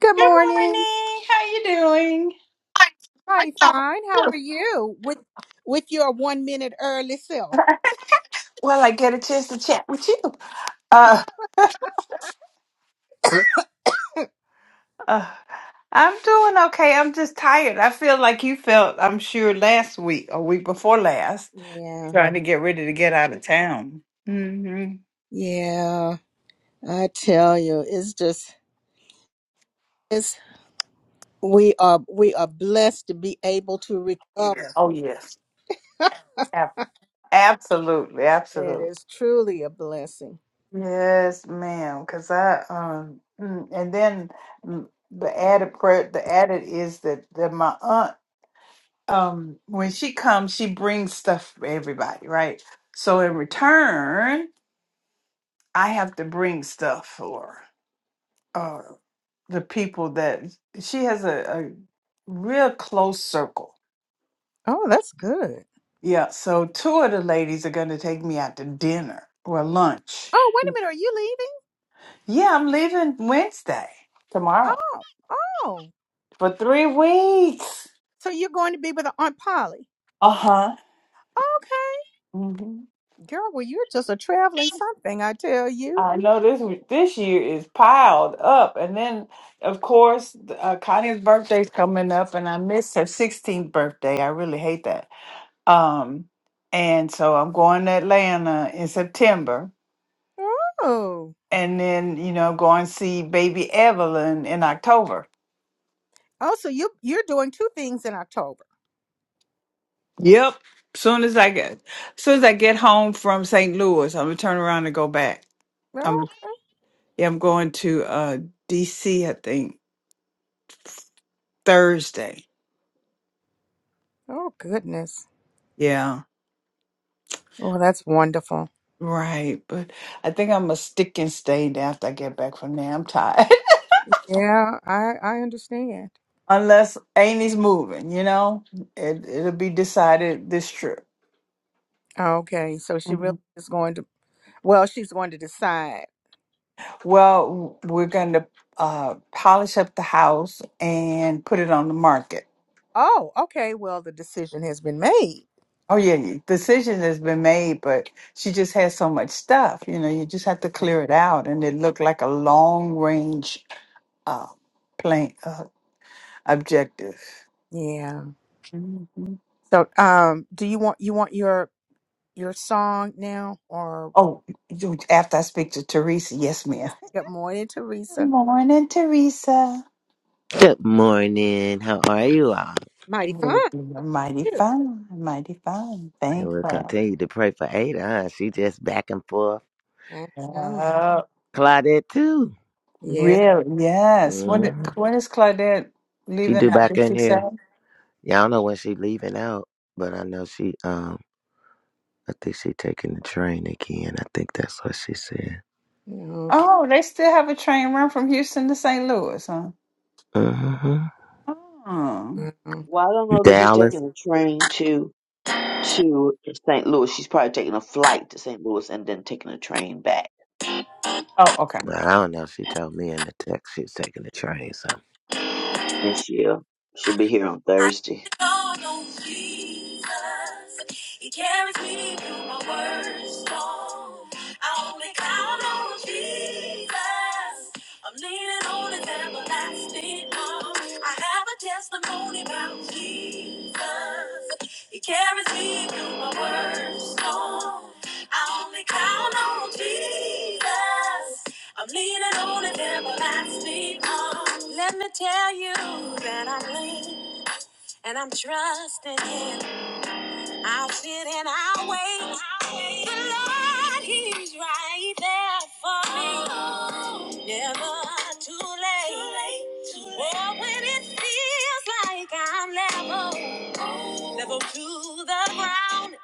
Good Good morning. morning. How you doing? Mighty fine. How are you? With with your one minute early self. Well, I get a chance to chat with you. Uh, uh, I'm doing okay. I'm just tired. I feel like you felt, I'm sure, last week or week before last, Yeah. trying to get ready to get out of town. hmm Yeah. I tell you, it's just it's we are we are blessed to be able to recover. Oh, yes. Ab- absolutely. It Absolutely. is truly a blessing. Yes, ma'am. Because I, um, mm, and then mm, the added, pre- the added is that, that my aunt um when she comes she brings stuff for everybody right so in return i have to bring stuff for uh the people that she has a, a real close circle Oh, that's good. yeah so two of the ladies are going to take me out to dinner or lunch Oh, wait a minute, are you leaving? yeah i'm leaving wednesday tomorrow Oh, oh. for three weeks So you're going to be with Aunt Polly. uh-huh Okay. Mm-hmm. Girl, well you're just a traveling something, I tell you. I know this this year is piled up, and then of course uh, Connie's birthday's coming up, and I missed her 16th birthday. I really hate that. Um, and so I'm going to Atlanta in September, Oh. and then you know going to see baby Evelyn in October. Oh, so you you're doing two things in October. Yep. Soon as I get, soon as I get home from St. Louis, I'm gonna turn around and go back. Oh, I'm okay. yeah, I'm going to uh, D.C. I think Thursday. Oh, goodness. Yeah. Well, that's wonderful. Right, but I think I'm gonna stick and stay there after I get back from there. I'm tired. Yeah, I I understand. Unless Amy's moving, you know, it it'll be decided this trip. Okay, so she really Mhm. is going to, well, she's going to decide. Well, w- we're gonna uh, polish up the house and put it on the market. Oh, okay. Well, the decision has been made. Oh yeah, yeah, decision has been made, but she just has so much stuff. You know, you just have to clear it out, and it looked like a long range uh, plan uh, objective. Yeah. So, um, do you want you want your your song now or Oh, you- after I speak to Teresa, yes, ma'am. yes? Good morning, Good Teresa. morning, Teresa. Good morning. How are you all? Mighty fine. Well, You're mighty You. fine, mighty fine. And Thank we'll you. continue to pray for Ada. Huh? She just back and forth. I know. Uh, Claudette too. Yeah. really? Yes. When did, hmm when is Claudette She leaving do out? back Did in she say? here. Yeah, I don't know when she leaving out, but I know she um I think she taking the train again. I think that's what she said. Okay. Oh, they still have a train run from Houston to St. Louis, huh? hmm Oh, Well, I don't know that she's Dallas. taking a train to to St. Louis. She's probably taking a flight to St. Louis and then taking a train back. oh okay. Well, I don't know. She told me in the text she's taking the train. So And she'll she'll be here on I Thursday. don't know Jesus. He carries me through my worst storm. I only count on Jesus. I'm leaning on his everlasting arm. I have a testimony about Jesus. He carries me through my worst storm. I only count on Jesus. I'm leaning on his everlasting arm. Let me tell you that I'm leaning. And I'm trusting him. I'll sit and I'll wait. The Lord, he's right there for me. Never too late. Or when it feels like I'm level, level to the ground.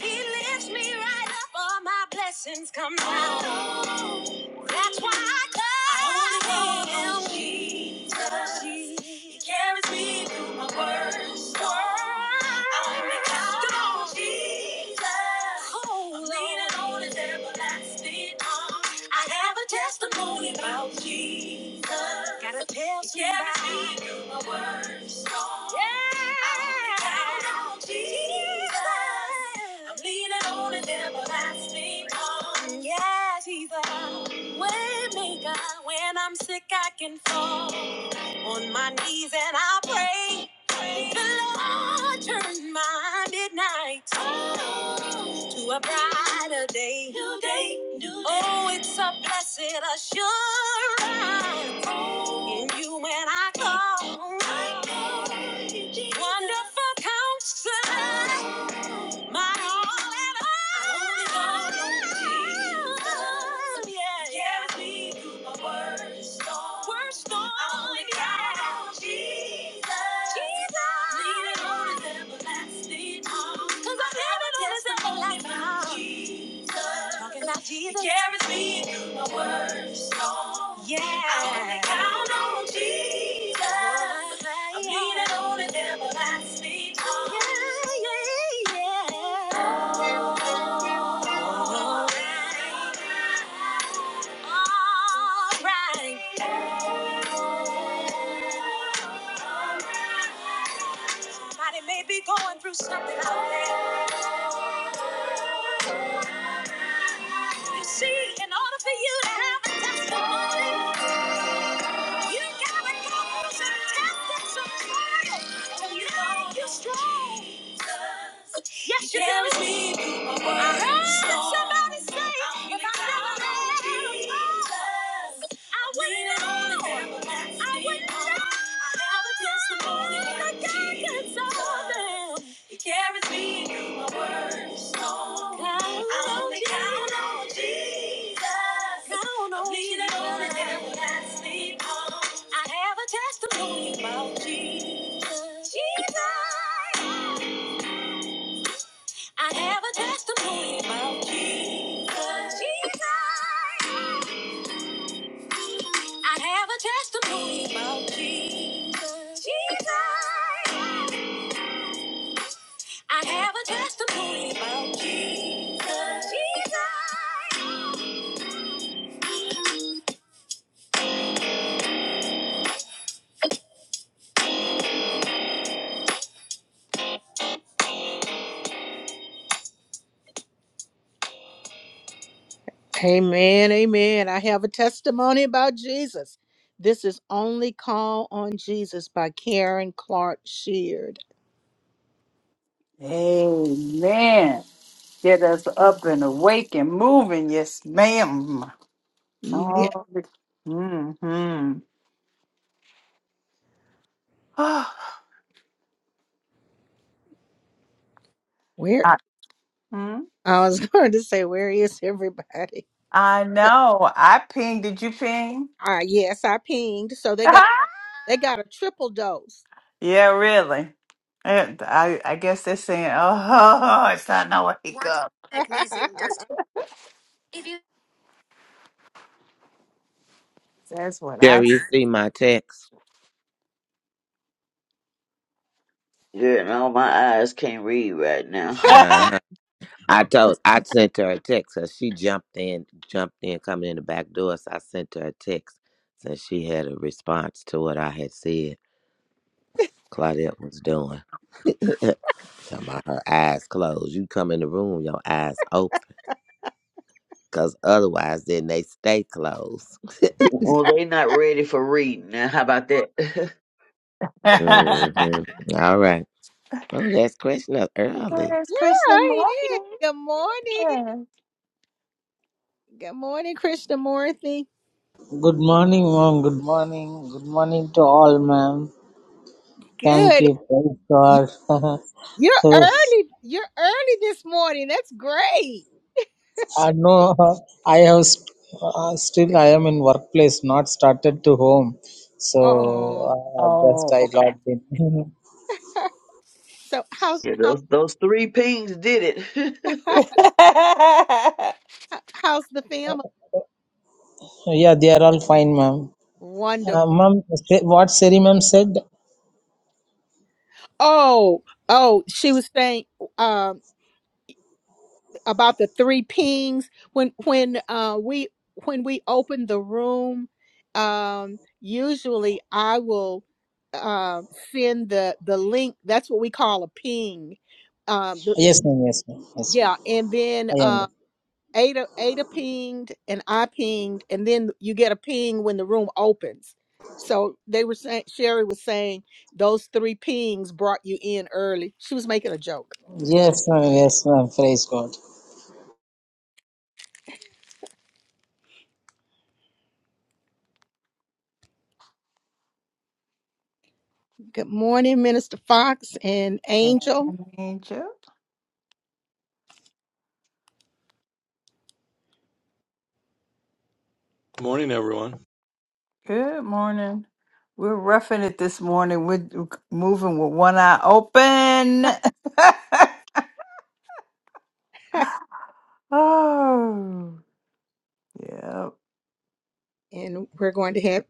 He lifts me right up. All my blessings come down. That's why I love I wanna him. Jesus. He carries me through my worst storm. I wanna count on. Jesus. Oh, I'm leaning on his everlasting arm. I have a testimony about Jesus. Gotta tell somebody. My words gone. Yeah. I count on Jesus. I'm leaning on his everlasting arm. Yes, he's a When I'm sick, I can fall on my knees and I pray. The Lord turns my midnight oh, to a brighter day. New day, new day. Oh, it's a blessed assurance Oh, in you when I call. I call you, Jesus. Wonderful counselor. My all and all. Oh, yeah. Carries me through my worst storm. I only count on Jesus. Jesus. Leaning on his everlasting arm. 'Cause I'm leaning on his Jesus. Talking about Jesus. He carries me yeah. I only count on Jesus. I lean it on and never lets me down. Yeah, yeah, yeah. All right. Somebody may be going through something out there. You see, in order for you to have a testimony. You gotta go through some tests and some trials to make you strong. Yes, you yeah, do. I heard somebody say, if I never had Jesus, I wouldn't know. I wouldn't know. I have a testimony that God can solve it. He carries me through my worst storm. I only on count on Jesus. Count on leaning on His hand last me on. I have a testimony about Jesus. Jesus. I have a testimony about Jesus. Jesus. I have a testimony about Jesus. Jesus. I have a testimony about Jesus. Amen, amen. I have a testimony about Jesus. This is Only Call on Jesus by Karen Clark Sheard. Amen. Get us up and awake and moving. Yes, ma'am. Yeah. Oh, mm-hmm. Where? Hmm? I was going to say, where is everybody? I But know. I pinged. Did you ping? uh, yes, I pinged. So they got they got a triple dose. yeah, really. And I, I guess they're saying, oh, it's not no wake Watch up. magnesium does. to- If you- That's what I. Jerry, you s- see my text? Yeah, no, my eyes can't read right now. Uh I told I sent her a text because she jumped in, jumped in coming in the back door. So I sent her a text since she had a response to what I had said Claudette was doing. Talking about her eyes closed. You come in the room, your eyes open. Cause otherwise then they stay closed. Well, they not ready for reading. Now, how about that? hmm All right. Oh, that's question up early. it's yeah, Christmas I did. morning. Good morning. Yeah. Good morning, Krishnamurthy. Good morning, mom. Good morning. Good morning to all, ma'am. Thank Good. you. Praise You- God. You're yes. early. You're early this morning. That's great. I know I have st- uh, still I am in workplace, not started to home. So Oh, uh, just Oh, I okay. logged in. So how's yeah, how, those those three pings did it. how's the family? yeah, they are all fine, ma'am. Uh, Wonderful. ma'am, say- what Siri ma'am said? oh, Oh, she was saying um about the three pings when when uh we when we open the room um usually I will um send the the link that's what we call a ping um the, Yes, ma'am. Yes, ma'am. Yes, ma'am. yeah and I then um, understand. Ada Ada pinged and I pinged, and then you get a ping when the room opens. So they were saying Sherry was saying those three pings brought you in early. She was making a joke. Yes, ma'am. Yes, ma'am. Praise God. Good morning, Minister Fox and Angel, And Angel, Morning, everyone. good morning. We're roughing it this morning. We're moving with one eye open. oh. Yeah. and we're going to have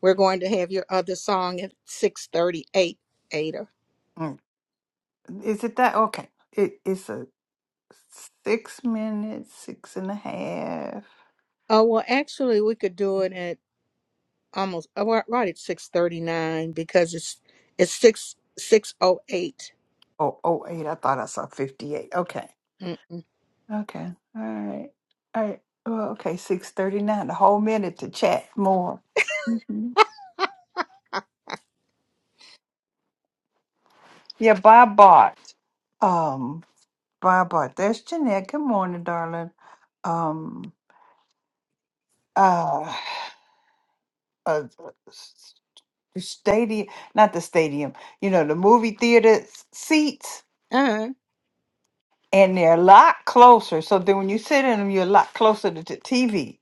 we're going to have your other song at six thirty eight. Ada. Mm. Is it that? Okay. It, it's a six minutes, six and a half. Oh well, actually, we could do it at almost oh, right right at six thirty nine because it's it's six six oh eight. Oh, oh, eight. I thought I saw 58. Okay. Mm-mm. Okay. All right. All right. Well, okay. 639. A whole minute to chat more. hmm Yeah. Bye, Bart. Um, bye, Bart. There's Jeanette. Good morning, darling. Um, uh, uh, stadium, not the stadium, you know, the movie theater seats. Uh, and they're a lot closer. So then when you sit in them, you're a lot closer to the TV.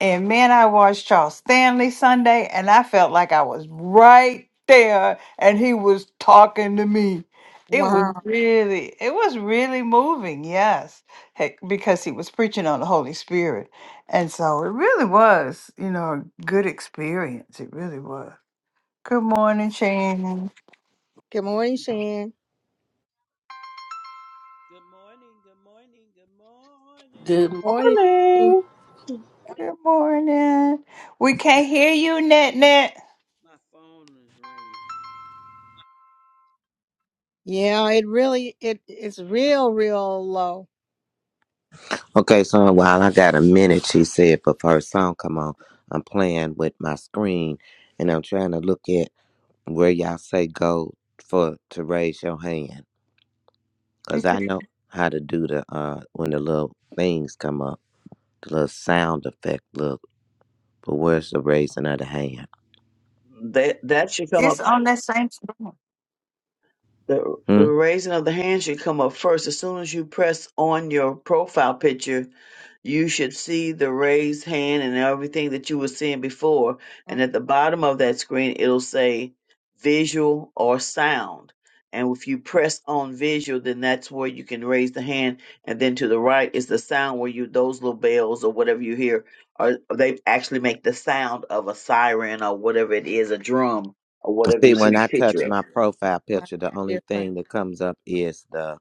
And man, I watched Charles Stanley Sunday, and I felt like I was right there, and he was talking to me. It was wow. Mhm. really, it was really moving, yes, heck, because he was preaching on the Holy Spirit, and so it really was, you know, a good experience. It really was. Good morning, Shannon. Good morning, Shan. Good morning, good morning, good morning. Good Morning. morning. Good morning. We can't hear you, Net Net. My phone is Yeah, it really it it's real, real low. Okay, so while I got a minute, she said before her song come on, I'm playing with my screen and I'm trying to look at where y'all say go for to raise your hand because i know how to do the uh when the little things come up the little sound effect look but where's the raising of the hand that that should come up. See, It's on that same screen. The, hmm? the raising of the hand should come up first. As soon as you press on your profile picture, you should see the raised hand and everything that you were seeing before. uh, And at the bottom of that screen, it'll say visual or sound. And if you press on visual, then that's where you can raise the hand. And then to the right is the sound where you those little bells or whatever you hear, or they actually make the sound of a siren or whatever it is, a drum or whatever see you see when the i touch picture of. my profile my picture the only different. thing that comes up is the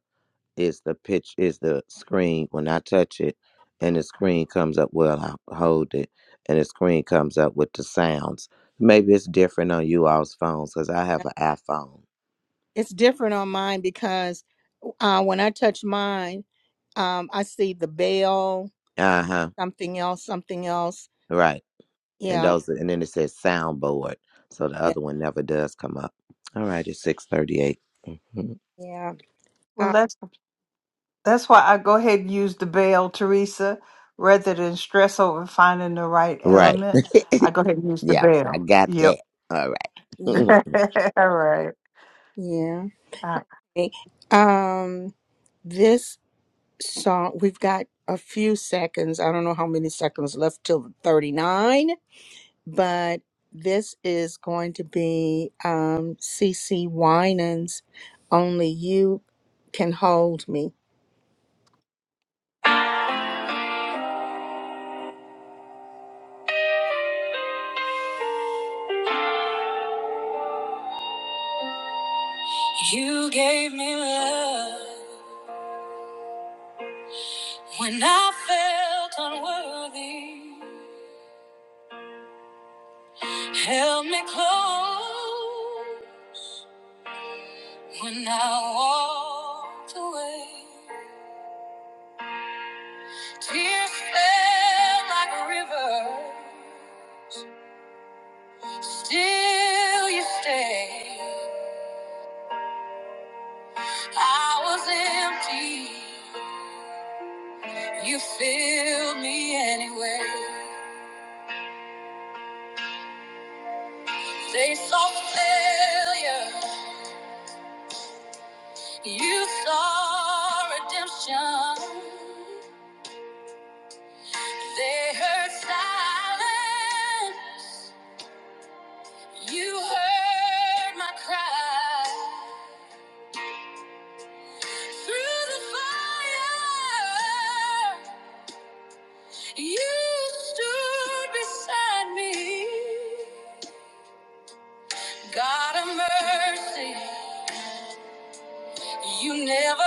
is the pitch is the screen when i touch it and the screen comes up well i hold it and the screen comes up with the sounds maybe it's different on you all's phones because i uh, have an iphone It's different on mine because uh, when I touch mine, um, I see the bell, uh-huh something else, something else. right And Yeah, those and then it says soundboard. So the yeah, other one never does come up. All right, it's six thirty-eight. mm Mm-hmm. yeah. Well, Uh, that's that's why I go ahead and use the bell, Teresa, rather than stress over finding the right Right. element. I go ahead and use the Yeah, I bell. got Yep. that. All y- right. All right. All yeah. right. Okay. Um, this song we've got a few seconds. I don't know how many seconds left till thirty nine. but this is going to be um, CC Winans. Only you can hold me. You gave me love when I felt unworthy. Held me close when I walked away. Tears fell like rivers. Still you stay. I was empty. You filled me anyway. They saw failure. You saw redemption. They heard silence. You heard my cry. Through the fire, you stood beside me. God of mercy, You never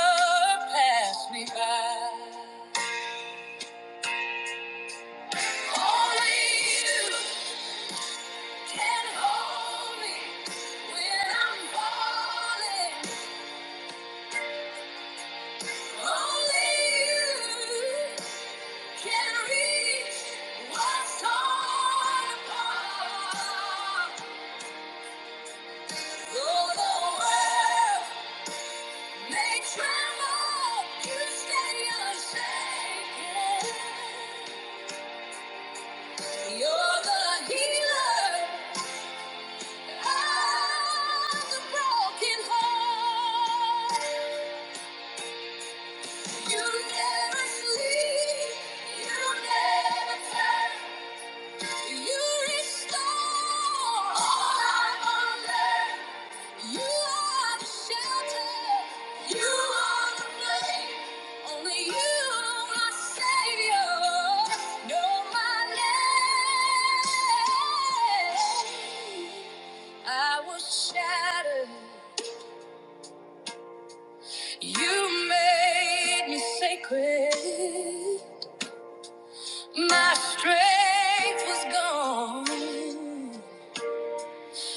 pass me by. Only you can hold me when I'm falling. Only you can reach what's torn apart. Though the world may tremble, you stay unshaken. You're the healer. Only you, my Savior, know my name. I was shattered. You made me sacred. My strength was gone.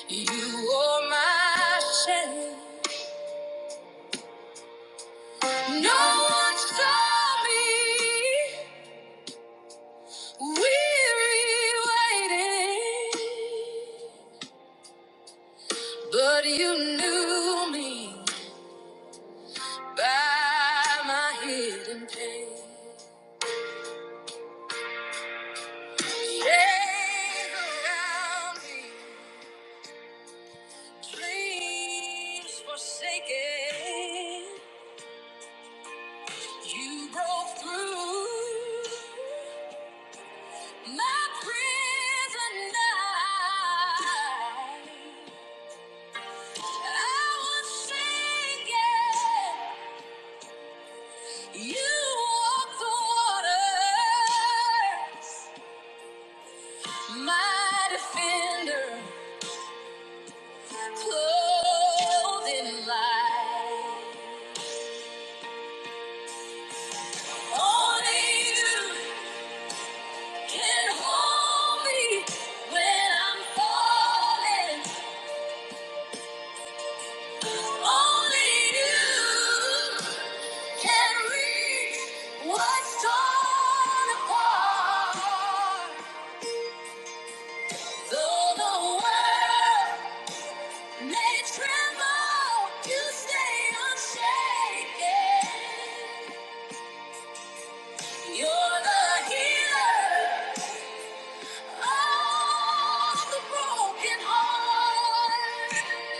You wore my shame. No one saw me weary waiting, but you knew me by my hidden pain. Shades around me. Dreams forsaken, you broke through my prison night. I was sinking, you walked the waters. My defender, clothed in light. Only you. Can hold me when I'm falling. Only you can reach what's torn apart. Though the world may tremble, you stay unshaken. You're the healer of the broken heart.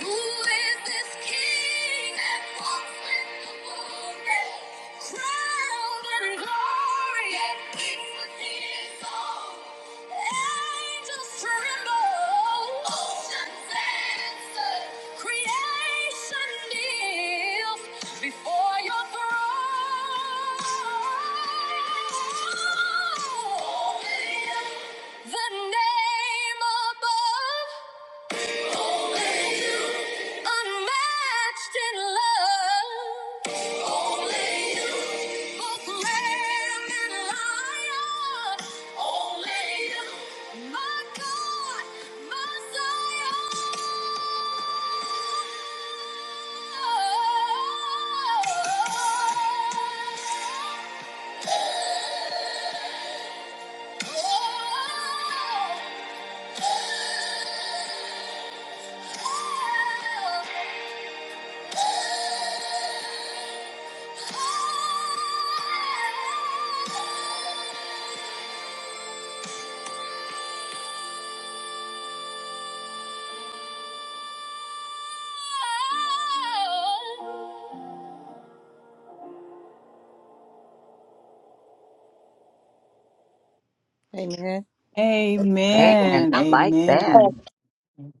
Who is this king that walks with the warrior? Crowned in glory Angels tremble, oceans answer, creation kneels before your throne. The name above. Unmatched in love. Only you. Both lamb and lion. Only you. My God, my Zion. Oh. oh, oh. Amen. Man, Amen. I like that. Amen.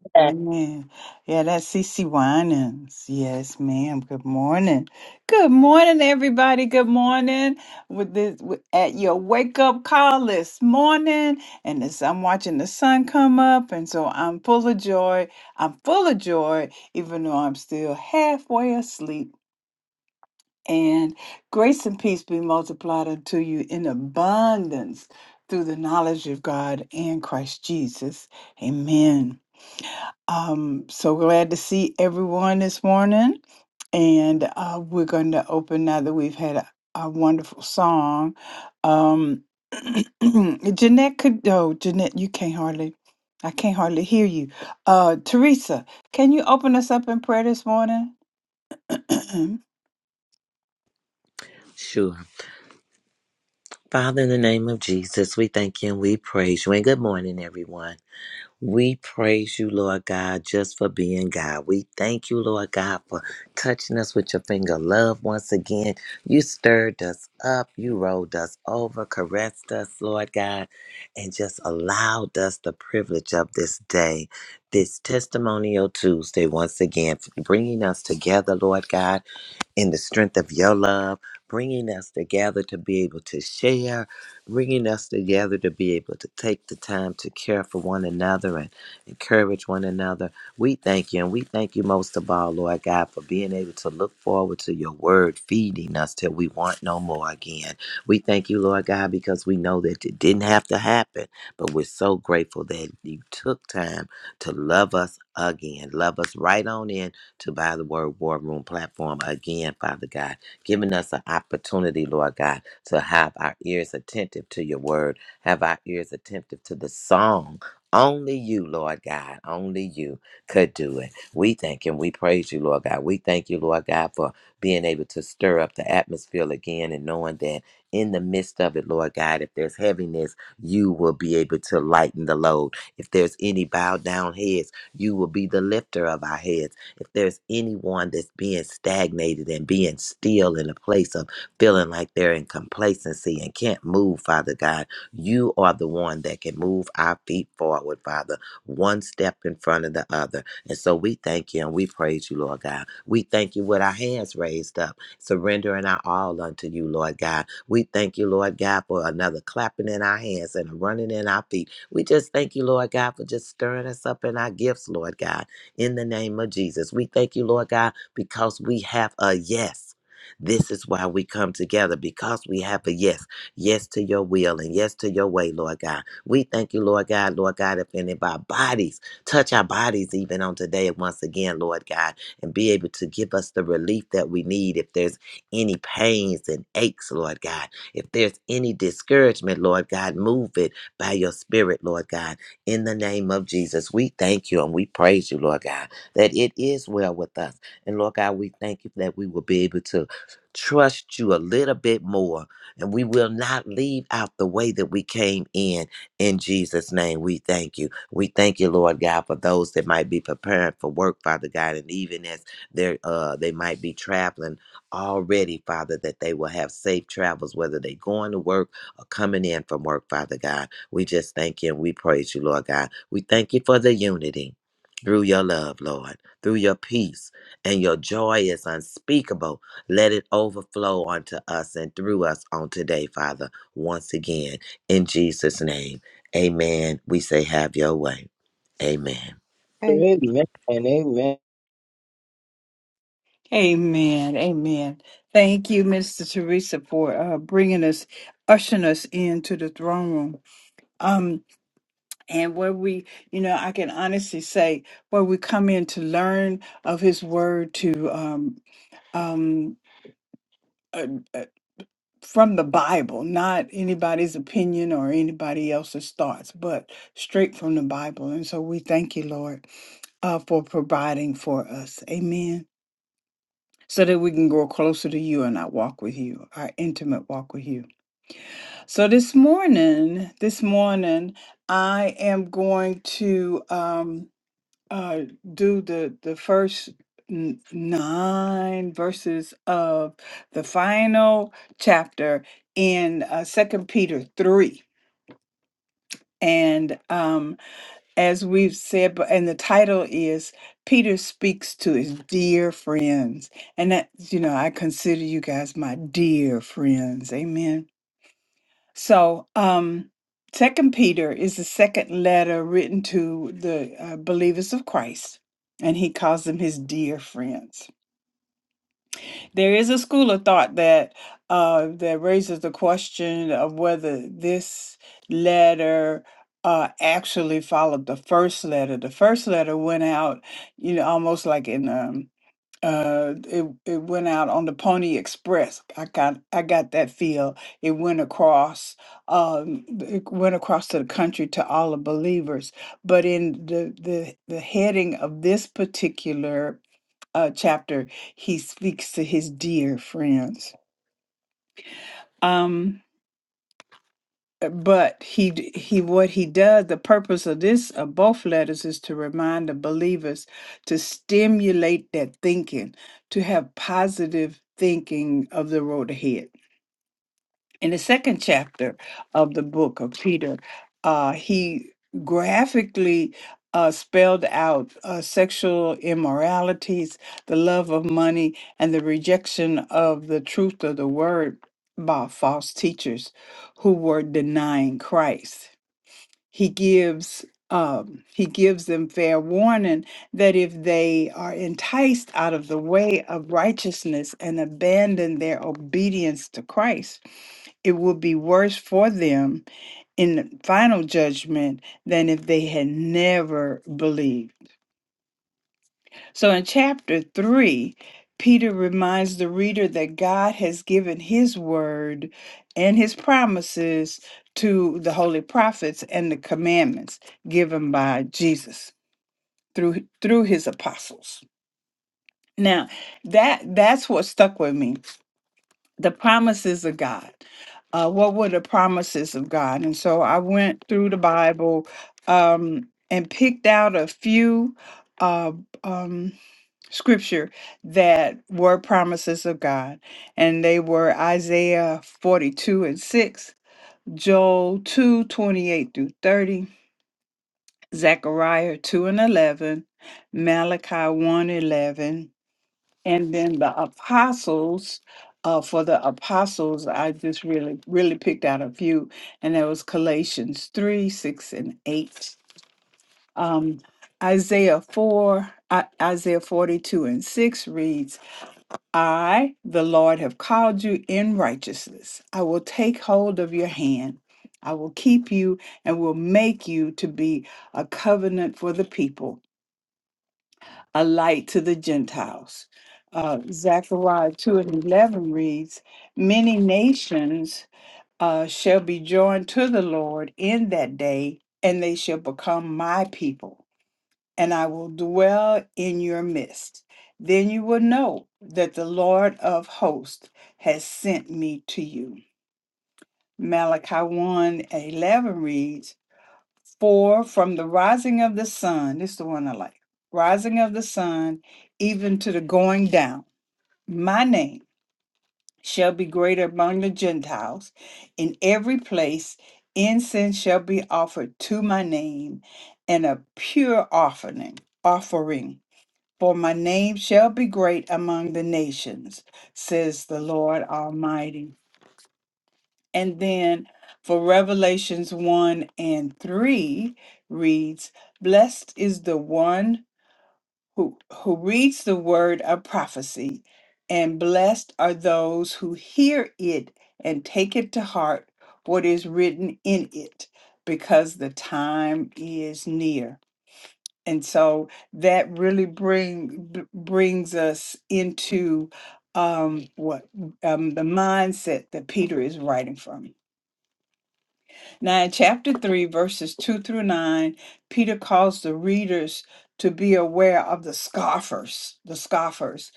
Amen. Amen. Yeah, that's Cece Winans. Yes, ma'am. Good morning. Good morning, everybody. Good morning. With this with, at your wake up call this morning, and as I'm watching the sun come up, and so I'm full of joy. I'm full of joy, even though I'm still halfway asleep. And grace and peace be multiplied unto you in abundance through the knowledge of God and Christ Jesus. Amen. Um, so glad to see everyone this morning. And uh, we're going to open now that we've had a, a wonderful song. Um, Jeanette could, oh, Jeanette, you can't hardly, I can't hardly hear you. Uh, Teresa, can you open us up in prayer this morning? sure. Father, in the name of Jesus, we thank you and we praise you. And good morning, everyone. We praise you, Lord God, just for being God. We thank you, Lord God, for touching us with your finger of love once again. You stirred us up, you rolled us over, caressed us, Lord God, and just allowed us the privilege of this day, this testimonial Tuesday, once again, bringing us together, Lord God in the strength of your love, bringing us together to be able to share, bringing us together to be able to take the time to care for one another and encourage one another. We thank you, and we thank you most of all, Lord God, for being able to look forward to your word feeding us till we want no more again. We thank you, Lord God, because we know that it didn't have to happen, but we're so grateful that you took time to love us again, love us right on in to buy the word war room platform again, Father God, giving us an opportunity, Lord God, to have our ears attentive to your word, have our ears attentive to the song. Only you, Lord God, only you could do it. We thank and we praise you, Lord God. We thank you, Lord God, for being able to stir up the atmosphere again and knowing that in the midst of it, Lord God, if there's heaviness, you will be able to lighten the load. If there's any bowed down heads, you will be the lifter of our heads. If there's anyone that's being stagnated and being still in a place of feeling like they're in complacency and can't move, Father God, you are the one that can move our feet forward, Father, one step in front of the other. And so we thank you and we praise you, Lord God. We thank you with our hands raised up, surrendering our all unto you, Lord God. We thank you, Lord God, for another clapping in our hands and a running in our feet. We just thank you, Lord God, for just stirring us up in our gifts, Lord God in the name of Jesus. We thank you, Lord God, because we have a yes. This is why we come together because we have a yes. Yes to your will and yes to your way, Lord God. We thank you, Lord God, Lord God, if any of our bodies touch our bodies even on today once again, Lord God, and be able to give us the relief that we need if there's any pains and aches, Lord God. If there's any discouragement, Lord God, move it by your spirit, Lord God in the name of Jesus. We thank you and we praise you, Lord God, that it is well with us. And Lord God, we thank you that we will be able to trust you a little bit more and we will not leave out the way that we came in. In Jesus' name, we thank you. We thank you, Lord God, for those that might be preparing for work, Father God, and even as they're, uh, they might be traveling already, Father, that they will have safe travels, whether they're going to work or coming in from work, Father God. We just thank you and we praise you, Lord God. We thank you for the unity through your love, Lord, through your peace, and your joy is unspeakable. Let it overflow onto us and through us on today, Father, once again. In Jesus' name, amen. We say, have your way. Amen. Hey. Amen. Amen. amen. Amen. Thank you, Mr. Teresa, for uh, bringing us, ushering us into the throne room. Um, and where we you know i can honestly say where we come in to learn of his word to um um uh, uh, from the bible not anybody's opinion or anybody else's thoughts but straight from the bible and so we thank you lord uh, for providing for us amen so that we can grow closer to you and our walk with you our intimate walk with you so this morning this morning i am going to um uh do the the first n- nine verses of the final chapter in uh second peter 3 and um as we've said but and the title is peter speaks to his dear friends and that you know i consider you guys my dear friends amen so, um, Second Peter is the second letter written to the uh, believers of Christ, and he calls them his dear friends. There is a school of thought that uh, that raises the question of whether this letter uh, actually followed the first letter. The first letter went out, you know, almost like in um, uh it it went out on the pony express i got i got that feel it went across um it went across to the country to all the believers but in the the the heading of this particular uh chapter he speaks to his dear friends um Uh, But he d- he what he does, the purpose of this of both letters is to remind the believers to stimulate that thinking, to have positive thinking of the road ahead in the second chapter of the book of Peter, uh, he graphically uh, spelled out uh, sexual immoralities, the love of money, and the rejection of the truth of the word by false teachers who were denying Christ he gives um, he gives them fair warning that if they are enticed out of the way of righteousness and abandon their obedience to Christ, it will be worse for them in the final judgment than if they had never believed. So in chapter 3, Peter reminds the reader that God has given his word and his promises to the holy prophets and the commandments given by Jesus through through his apostles. Now, that that's what stuck with me. The promises of God. Uh, what were the promises of God? And so I went through the Bible um, and picked out a few. Uh, um, scripture that were promises of God, and they were Isaiah 42 and 6, Joel 2 28 through 30, Zechariah 2 and 11, Malachi one 11, and then the apostles. Uh, for the apostles, I just really, really picked out a few, and that was Galatians 3 6 and 8. Um, Isaiah 4, I, Isaiah 42 and 6 reads, I, the Lord, have called you in righteousness. I will take hold of your hand. I will keep you and will make you to be a covenant for the people, a light to the Gentiles. Uh, Zechariah 2 and 11 reads, Many nations uh, shall be joined to the Lord in that day, and they shall become my people and I will dwell in your midst. Then you will know that the Lord of hosts has sent me to you. Malachi 1 and 11 reads, For from the rising of the sun, this is the one I like, rising of the sun, even to the going down, my name shall be great among the Gentiles. In every place, incense shall be offered to my name, and a pure offering, offering For my name shall be great among the nations, says the Lord Almighty. And then for Revelations 1 and 3 reads, Blessed is the one who, who reads the word of prophecy, and blessed are those who hear it and take it to heart what is written in it, because the time is near and so that really bring b- brings us into um what um the mindset that peter is writing from now in chapter 3 verses 2 through 9 peter calls the readers to be aware of the scoffers the scoffers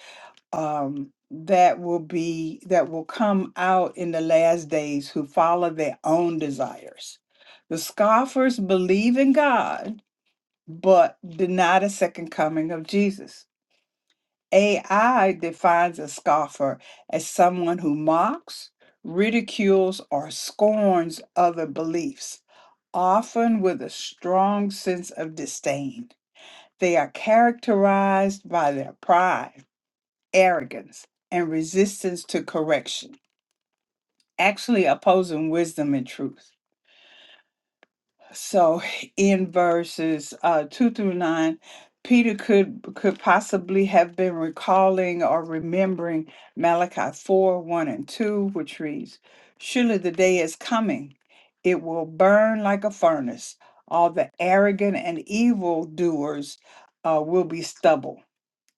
um that will be that will come out in the last days who follow their own desires the scoffers believe in god but deny the second coming of Jesus. AI defines a scoffer as someone who mocks, ridicules, or scorns other beliefs, often with a strong sense of disdain. They are characterized by their pride, arrogance, and resistance to correction, actually opposing wisdom and truth. So in verses uh, two through nine, Peter could could possibly have been recalling or remembering Malachi four one and two, which reads, "Surely the day is coming; it will burn like a furnace. All the arrogant and evil doers uh, will be stubble."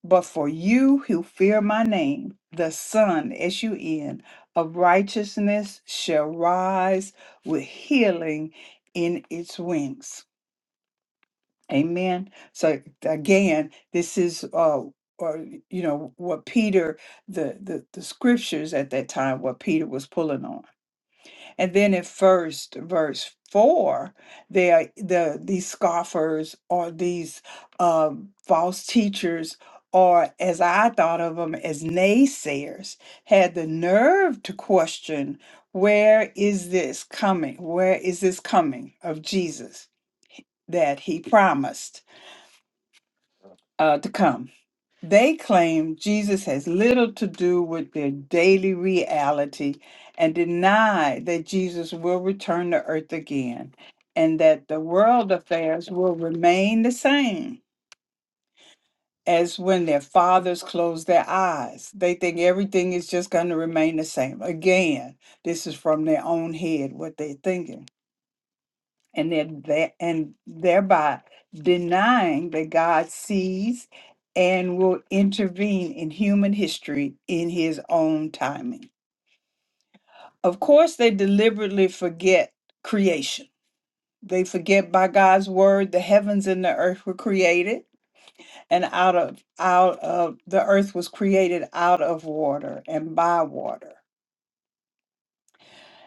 But for you who fear my name, the sun, S U N, of righteousness shall rise with healing in its wings. Amen. So again, this is uh or you know what Peter the, the the scriptures at that time what Peter was pulling on. And then at first verse four, they are the these scoffers or these um, false teachers, or as I thought of them as naysayers, had the nerve to question, where is this coming? Where is this coming of Jesus that he promised uh, to come? They claim Jesus has little to do with their daily reality and deny that Jesus will return to earth again and that the world affairs will remain the same as when their fathers closed their eyes. They think everything is just going to remain the same. Again, this is from their own head what they're thinking and they're there, and thereby denying that God sees and will intervene in human history in his own timing. Of course, they deliberately forget creation. They forget by God's word the heavens and the earth were created and out of out of the earth was created out of water and by water.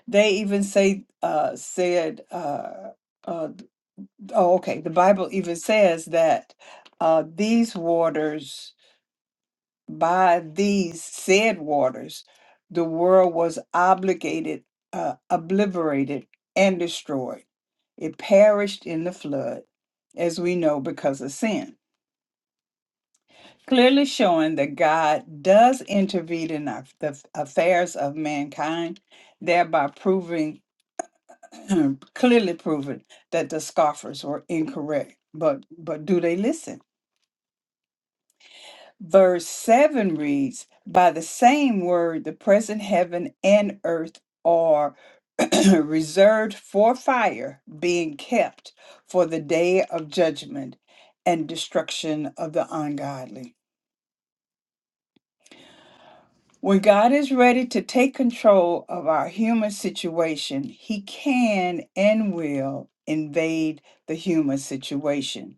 They even say uh said uh, uh, Oh, okay. The Bible even says that uh, these waters, by these said waters, the world was obligated, uh, obliterated, and destroyed. It perished in the flood, as we know, because of sin. Clearly showing that God does intervene in our, the affairs of mankind, thereby proving clearly proving that the scoffers were incorrect. But but do they listen? Verse 7 reads, By the same word, the present heaven and earth are reserved for fire, being kept for the day of judgment and destruction of the ungodly. When God is ready to take control of our human situation, He can and will invade the human situation.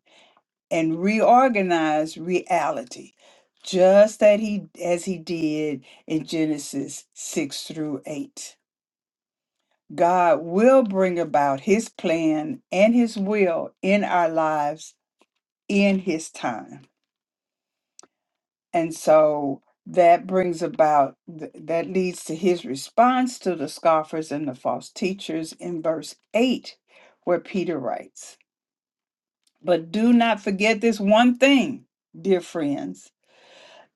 and reorganize reality, just that he as he did in Genesis 6 through 8. God will bring about his plan and his will in our lives in his time. And so that brings about th- that leads to his response to the scoffers and the false teachers in verse 8 where Peter writes, "But do not forget this one thing, dear friends,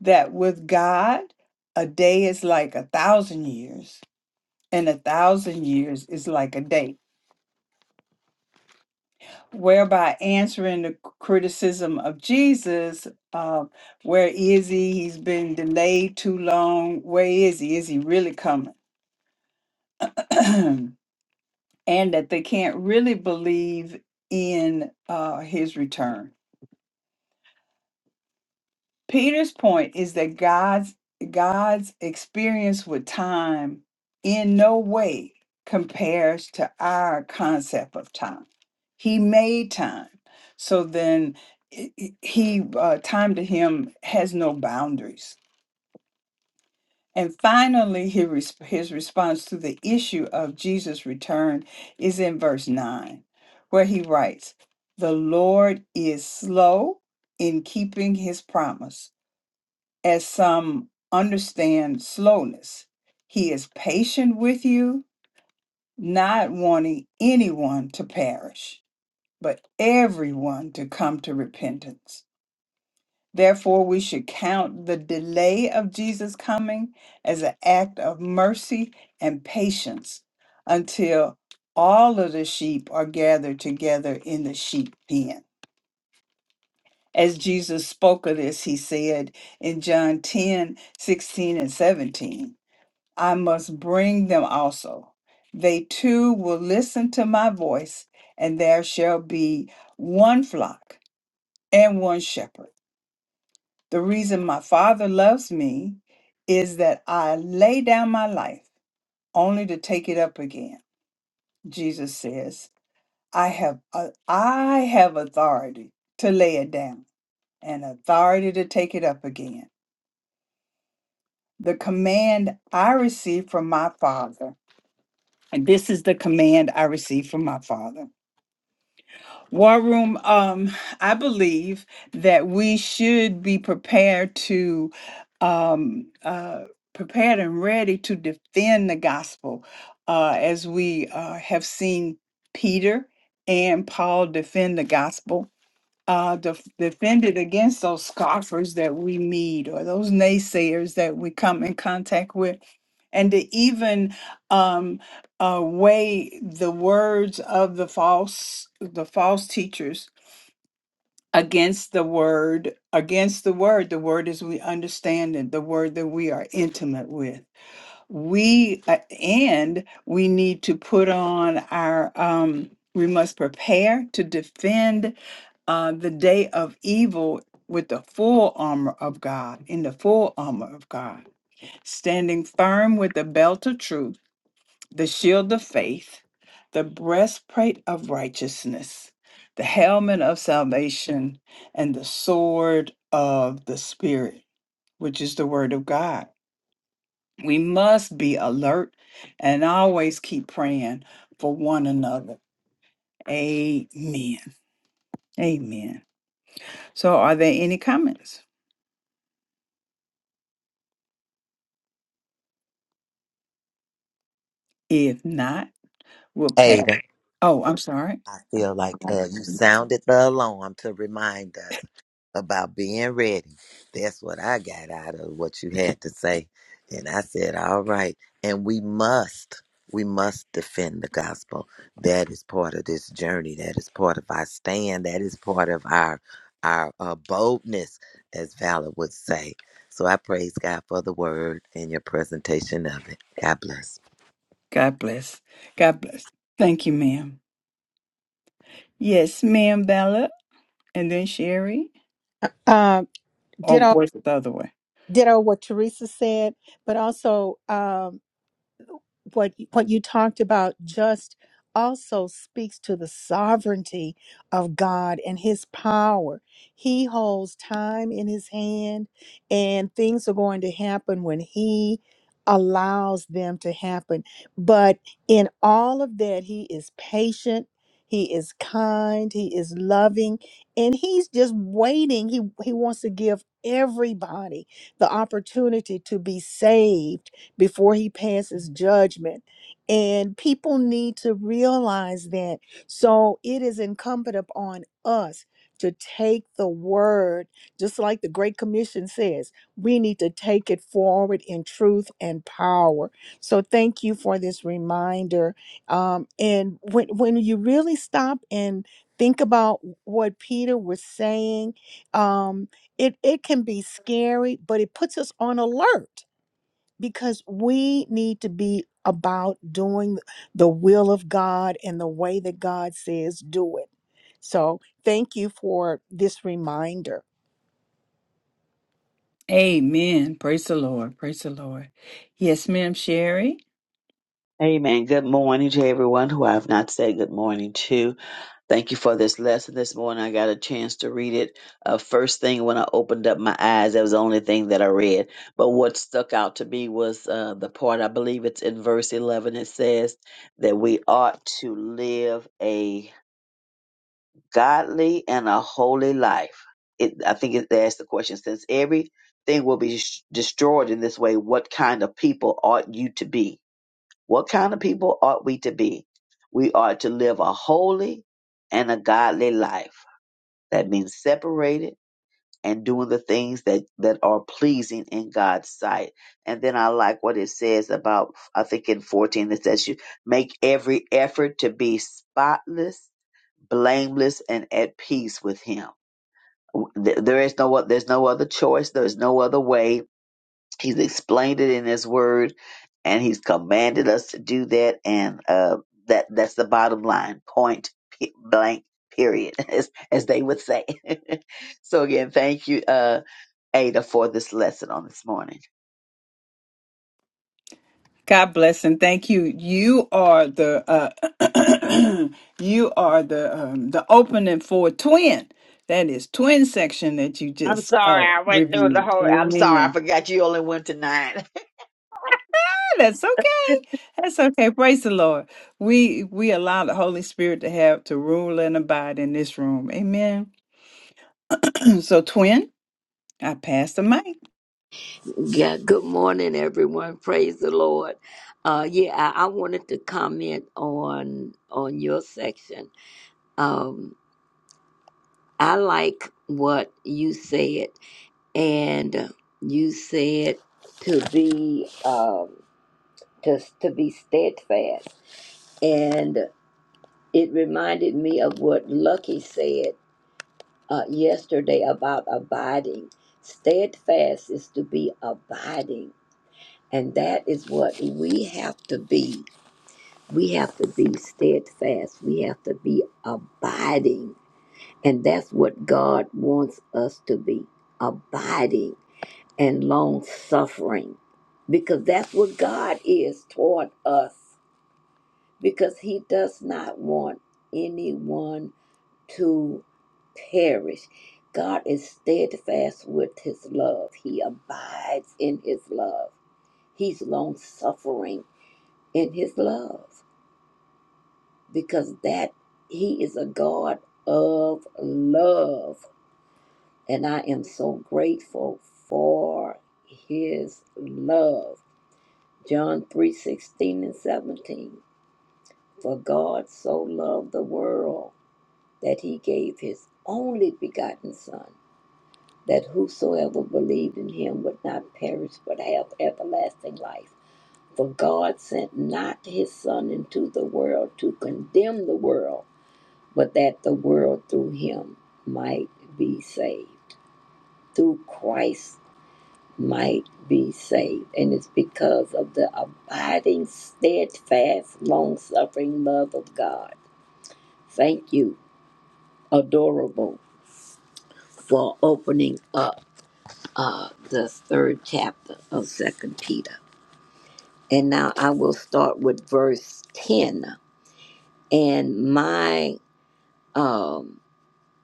that with God, a day is like a thousand years, and a thousand years is like a day. Whereby answering the criticism of Jesus, uh, where is he? He's been delayed too long. Where is he? Is he really coming? and that they can't really believe in uh, his return Peter's point is that God's God's experience with time in no way compares to our concept of time. He made time. So then i- i- he uh, time to him has no boundaries. And finally his, res- his response to the issue of Jesus' return is in verse 9 where he writes, "The Lord is slow in keeping his promise." as some understand slowness. He is patient with you, not wanting anyone to perish, but everyone to come to repentance. Therefore, we should count the delay of Jesus' coming as an act of mercy and patience until all of the sheep are gathered together in the sheep pen. As Jesus spoke of this, he said in John 10 16 and 17. I must bring them also. They too will listen to my voice, and there shall be one flock and one shepherd. The reason my Father loves me is that I lay down my life only to take it up again. Jesus says, I have, uh, I have authority to lay it down and authority to take it up again. The command I received from my Father, and this is the command I received from my Father War Room, um, I believe that we should be prepared to um uh prepared and ready to defend the gospel uh as we uh have seen Peter and Paul defend the gospel uh, def- defended against those scoffers that we meet or those naysayers that we come in contact with, and to even um, uh, weigh the words of the false the false teachers against the word against the word the word as we understand it the word that we are intimate with we uh, and we need to put on our um we must prepare to defend uh, the day of evil with the full armor of God, in the full armor of God, standing firm with the belt of truth, the shield of faith, the breastplate of righteousness, the helmet of salvation, and the sword of the Spirit, which is the word of God. We must be alert and always keep praying for one another. Amen. Amen. So, are there any comments? If not, we'll pass. Ada. Oh, I'm sorry. I feel like uh, you sounded the alarm to remind us about being ready. That's what I got out of what you had to say. And I said, all right. And we must, we must defend the gospel. That is part of this journey. That is part of our stand. That is part of our our uh, boldness, as Valor would say. So I praise God for the word and your presentation of it. God bless. God bless. God bless. Thank you, ma'am. Yes, ma'am, Bella, and then Sherry. Um, Or ditto, was it the other way? ditto what Teresa said, but also, um, what what you talked about just also speaks to the sovereignty of God and his power. He holds time in his hand and things are going to happen when he allows them to happen. But in all of that he is patient, he is kind, he is loving, and he's just waiting. He he wants to give everybody the opportunity to be saved before he passes judgment. And people need to realize that. So it is incumbent upon us to take the word, just like the Great Commission says, we need to take it forward in truth and power. So thank you for this reminder. Um, and when, when you really stop and think about what Peter was saying, um, it, it can be scary, but it puts us on alert because we need to be about doing the will of God and the way that God says do it. So, thank you for this reminder. Amen. Praise the Lord. Praise the Lord. Yes, ma'am, Sherry. Amen. Good morning to everyone who I have not said good morning to. Thank you for this lesson this morning. I got a chance to read it. Uh, first thing when I opened up my eyes, that was the only thing that I read. But what stuck out to me was uh, the part, I believe it's in verse 11, it says that we ought to live a godly and a holy life. It, I think it, they asked the question since everything will be sh- destroyed in this way, what kind of people ought you to be? What kind of people ought we to be? We ought to live a holy and a godly life. That means separated and doing the things that, that are pleasing in God's sight. And then I like what it says about, I think in 14, it says you make every effort to be spotless blameless and at peace with him there is no o- there's no other choice there's no other way He's explained it in His Word, and He's commanded us to do that. And uh, that that's the bottom line. Point p- blank. Period, as, as they would say. so again, thank you, uh, Ada, for this lesson on this morning. God bless and thank you. You are the uh, you are the um, the opening for twin. That is twin section that you I'm just sorry, uh, I went through the reviewed. whole. I'm sorry, I Amen. forgot you only went to nine. Ah, That's okay. That's okay. Praise the Lord. We we allow the Holy Spirit to have to rule and abide in this room. Amen. so twin. I pass the mic. Yeah, good morning, everyone. Praise the Lord. Uh, yeah, I, I wanted to comment on on your section. Um, I like what you said, and you said to be um, to to be steadfast, and it reminded me of what Lucky said uh, yesterday about abiding. Steadfast is to be abiding And that is what we have to be. We have to be steadfast. We have to be abiding. And that's what God wants us to be abiding and long suffering. Because that's what God is toward us. Because He does not want anyone to perish. God is steadfast with His love, He abides in His love. He's long suffering in his love because that he is a God of love. And I am so grateful for his love. John 3 16 and 17. For God so loved the world that he gave his only begotten Son, that whosoever believed in him would not perish but have everlasting life. For God sent not his Son into the world to condemn the world but that the world through him might be saved. Through Christ might be saved. And it's because of the abiding, steadfast, long suffering love of God. Thank you, adorable, for opening up uh, the third chapter of Second Peter. And now I will start with verse 10. And my um.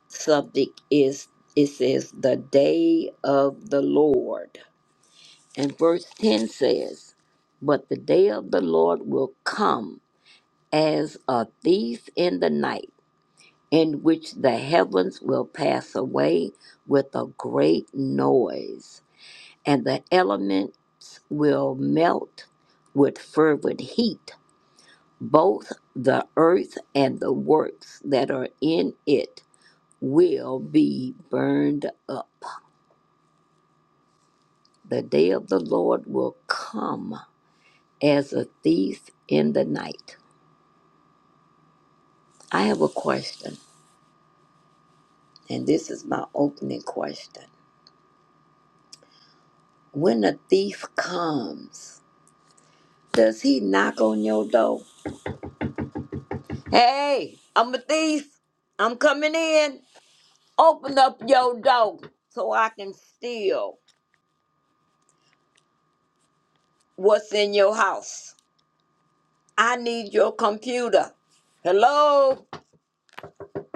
subject is it says the day of the Lord. And verse 10 says, But the day of the Lord will come as a thief in the night, in which the heavens will pass away with a great noise, and the elements will melt with fervent heat. Both the earth and the works that are in it will be burned up. The day of the Lord will come as a thief in the night. I have a question, and this is my opening question. When a thief comes, does he knock on your door? Hey, I'm a thief. I'm coming in. Open up your door so I can steal what's in your house. I need your computer. Hello?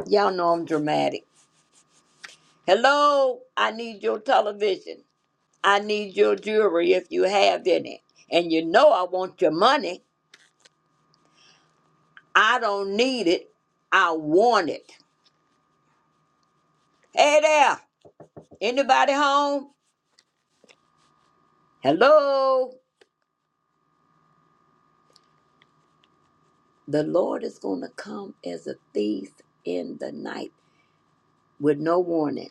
Y'all know I'm dramatic. Hello? I need your television. I need your jewelry if you have any. And you know I want your money. I don't need it. I want it. Hey there. Anybody home? Hello. The Lord is going to come as a thief in the night with no warning.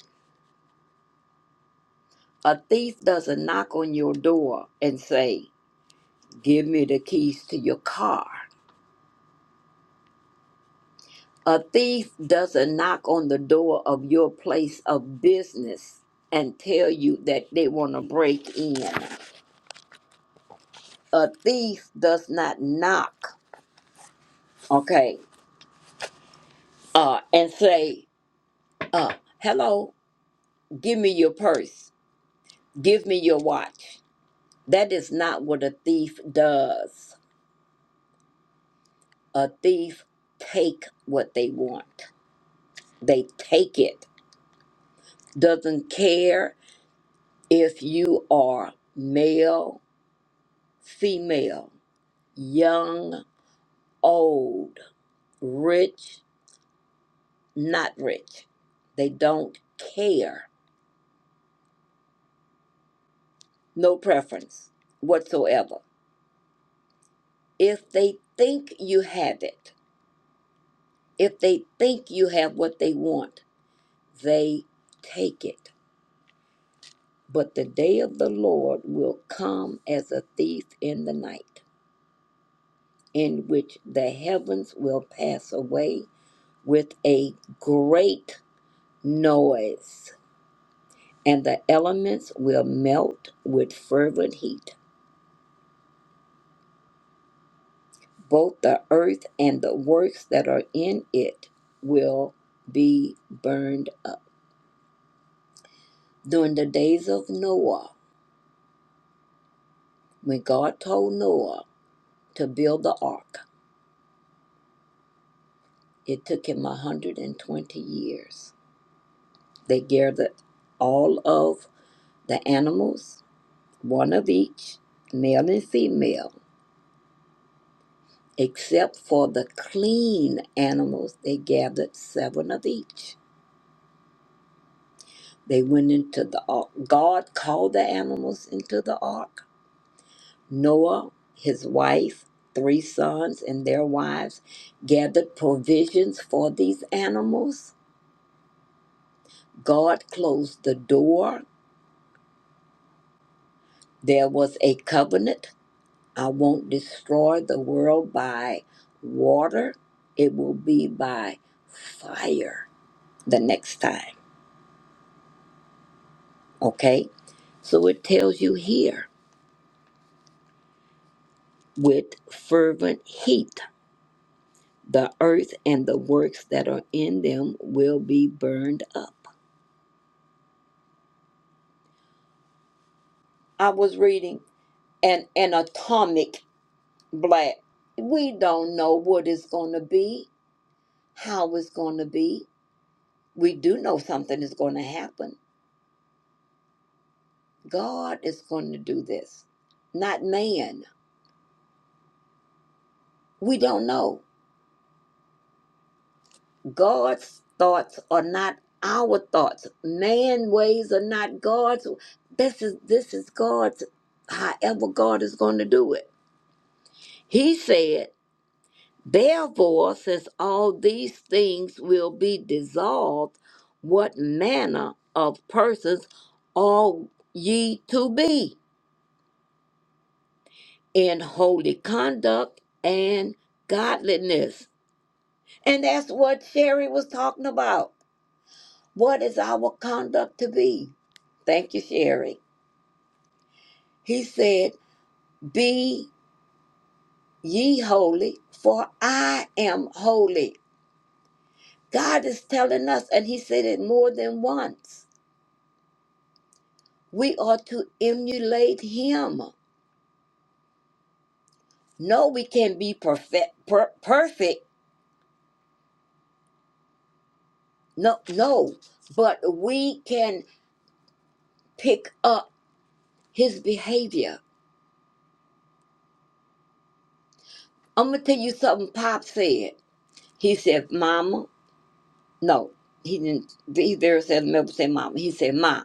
A thief doesn't knock on your door and say, Give me the keys to your car. A thief doesn't knock on the door of your place of business and tell you that they want to break in. a thief does not knock, okay, uh, and say, uh, hello, give me your purse, give me your watch. That is not what a thief does. A thief take what they want. They take it. Doesn't care if you are male, female, young, old, rich, not rich. They don't care no preference whatsoever. If they think you have it, if they think you have what they want, they take it. But the day of the Lord will come as a thief in the night, in which the heavens will pass away with a great noise, and the elements will melt with fervent heat. both the earth and the works that are in it will be burned up. During the days of Noah, when God told Noah to build the ark, it took him 120 years. They gathered all of the animals, one of each, male and female, except for the clean animals, they gathered seven of each. They went into the ark. God called the animals into the ark Noah, his wife, three sons, and their wives gathered provisions for these animals. God closed the door. There was a covenant. I won't destroy the world by water, it will be by fire the next time. Okay? So it tells you here with fervent heat, the earth and the works that are in them will be burned up. I was reading an, an atomic blast. We don't know what it's going to be, how it's going to be. We do know something is going to happen. God is going to do this, not man. We don't know. God's thoughts are not our thoughts. Man ways are not God's. This is this is God's. However, God is going to do it. He said. Therefore, since all these things will be dissolved, what manner of persons ought ye to be in holy conduct and godliness? And that's what Sherry was talking about. What is our conduct to be? Thank you, Sherry. He said, Be ye holy, for I am holy. God is telling us, and He said it more than once We ought to emulate him. No, we can't be perfect. Per- perfect. No, no. But we can pick up his behavior. I'm gonna tell you something. Pop said. He said, "Mama." No, he didn't. He there said, "Never say mama." He said, "Ma,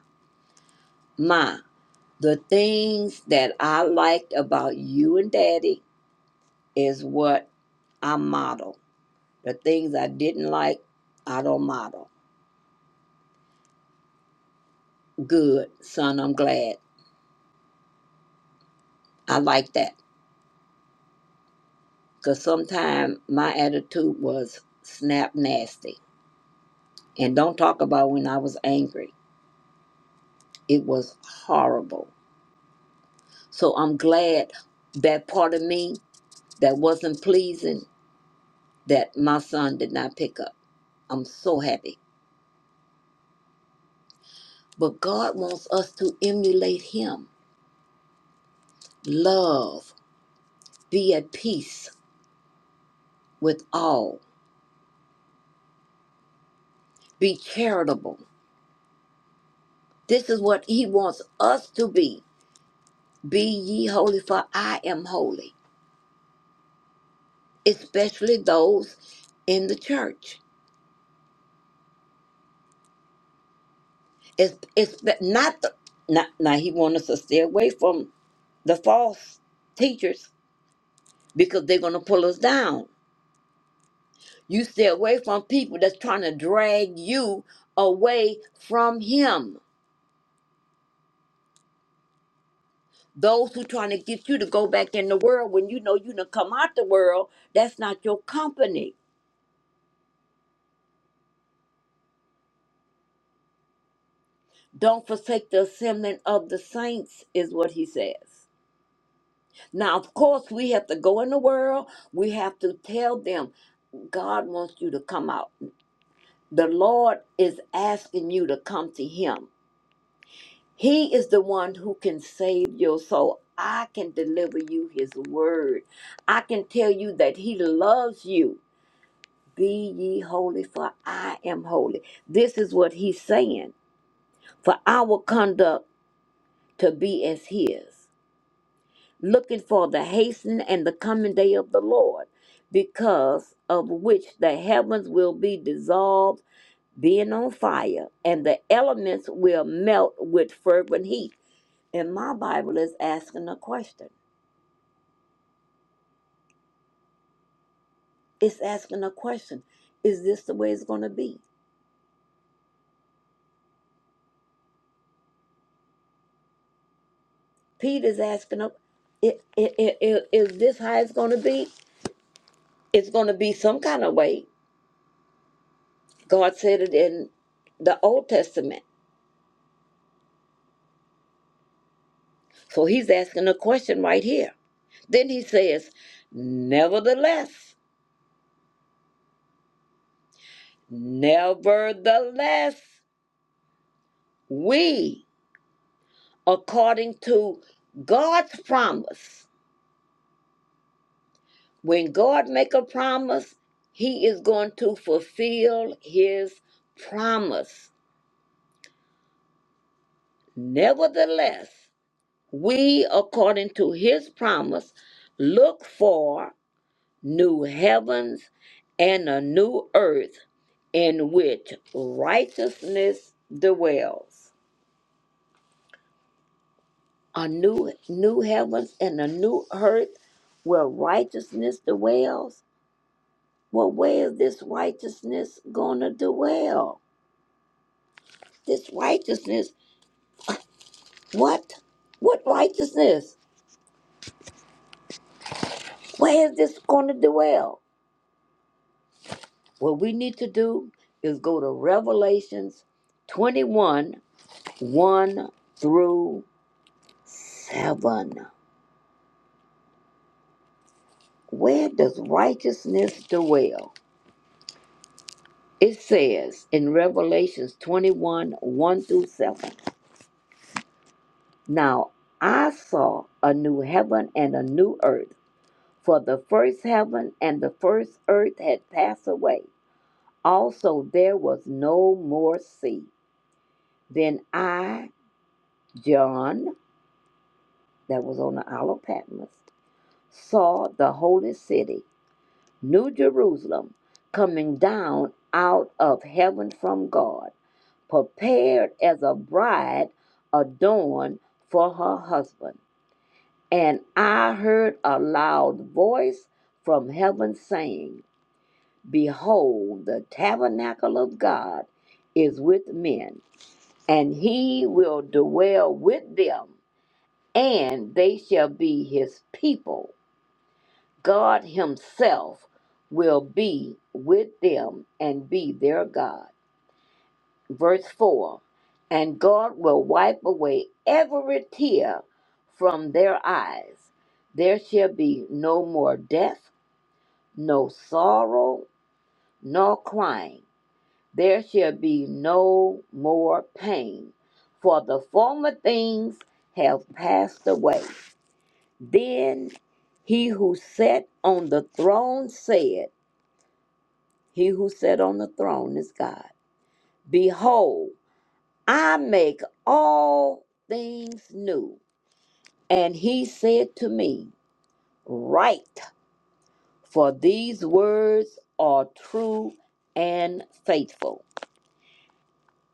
ma." The things that I liked about you and Daddy is what I model. The things I didn't like, I don't model. Good, son. I'm glad. I like that because sometimes my attitude was snap nasty. And don't talk about when I was angry. It was horrible. So I'm glad that part of me that wasn't pleasing that my son did not pick up. I'm so happy. But God wants us to emulate Him. Love, be at peace with all, be charitable. This is what He wants us to be. Be ye holy, for I am holy. especially those in the church. It's it's not the not now he wants us to stay away from the false teachers because they're gonna pull us down. You stay away from people that's trying to drag you away from him. Those who trying to get you to go back in the world when you know you done come out the world, that's not your company. Don't forsake the assembling of the saints, is what he says. Now, of course, we have to go in the world. We have to tell them God wants you to come out. The Lord is asking you to come to Him. He is the one who can save your soul. I can deliver you His word. I can tell you that He loves you. Be ye holy, for I am holy. This is what He's saying for our conduct to be as His. looking for the hastening and the coming day of the Lord, because of which the heavens will be dissolved, being on fire, and the elements will melt with fervent heat. And my Bible is asking a question. It's asking a question. Is this the way it's going to be? Peter's asking, a- i- i- i- i- is this how it's going to be? It's going to be some kind of way. God said it in the Old Testament. So he's asking a question right here Then he says, Nevertheless, nevertheless, we, according to God's promise, when God make a promise, he is going to fulfill his promise. Nevertheless, we, according to his promise, look for new heavens and a new earth in which righteousness dwells. a new new heavens and a new earth where righteousness dwells. Well, where is this righteousness gonna dwell? This righteousness, what? What righteousness? Where is this gonna dwell? What we need to do is go to Revelations 21, 1 through 7. Where does righteousness dwell? It says in Revelations 21, 1 through 7. Now I saw a new heaven and a new earth, for the first heaven and the first earth had passed away. Also, there was no more sea. Then I, John, that was on the Isle of Patmos, saw the holy city, New Jerusalem, coming down out of heaven from God, prepared as a bride adorned for her husband. And I heard a loud voice from heaven saying, Behold, the tabernacle of God is with men, and he will dwell with them, and they shall be his people. God himself will be with them and be their God. Verse 4 And God will wipe away every tear from their eyes. There shall be no more death no sorrow, nor crying. There shall be no more pain, for the former things have passed away. Then he who sat on the throne said, He who sat on the throne is God. Behold, I make all things new. And he said to me, Write, for these words are true and faithful.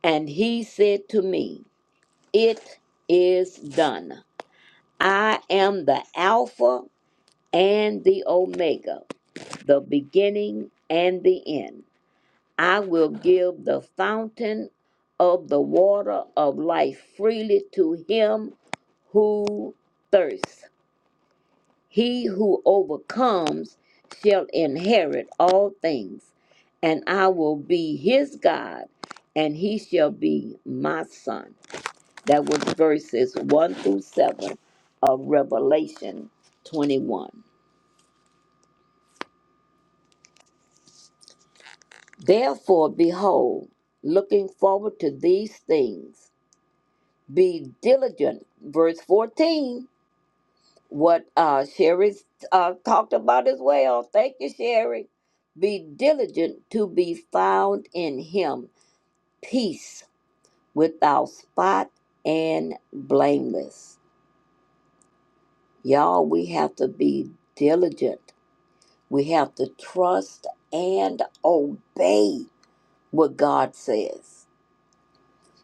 And he said to me, It is done. I am the Alpha and the Omega, the beginning and the end. I will give the fountain of the water of life freely to him who thirsts. He who overcomes shall inherit all things, and I will be his God, and he shall be my son. That was verses 1 through 7 of Revelation 21. Therefore, behold, looking forward to these things, be diligent. Verse 14, what uh, Sherry uh, talked about as well. Thank you, Sherry. Be diligent to be found in him, peace without spot and blameless. Y'all, we have to be diligent We have to trust and obey what God says.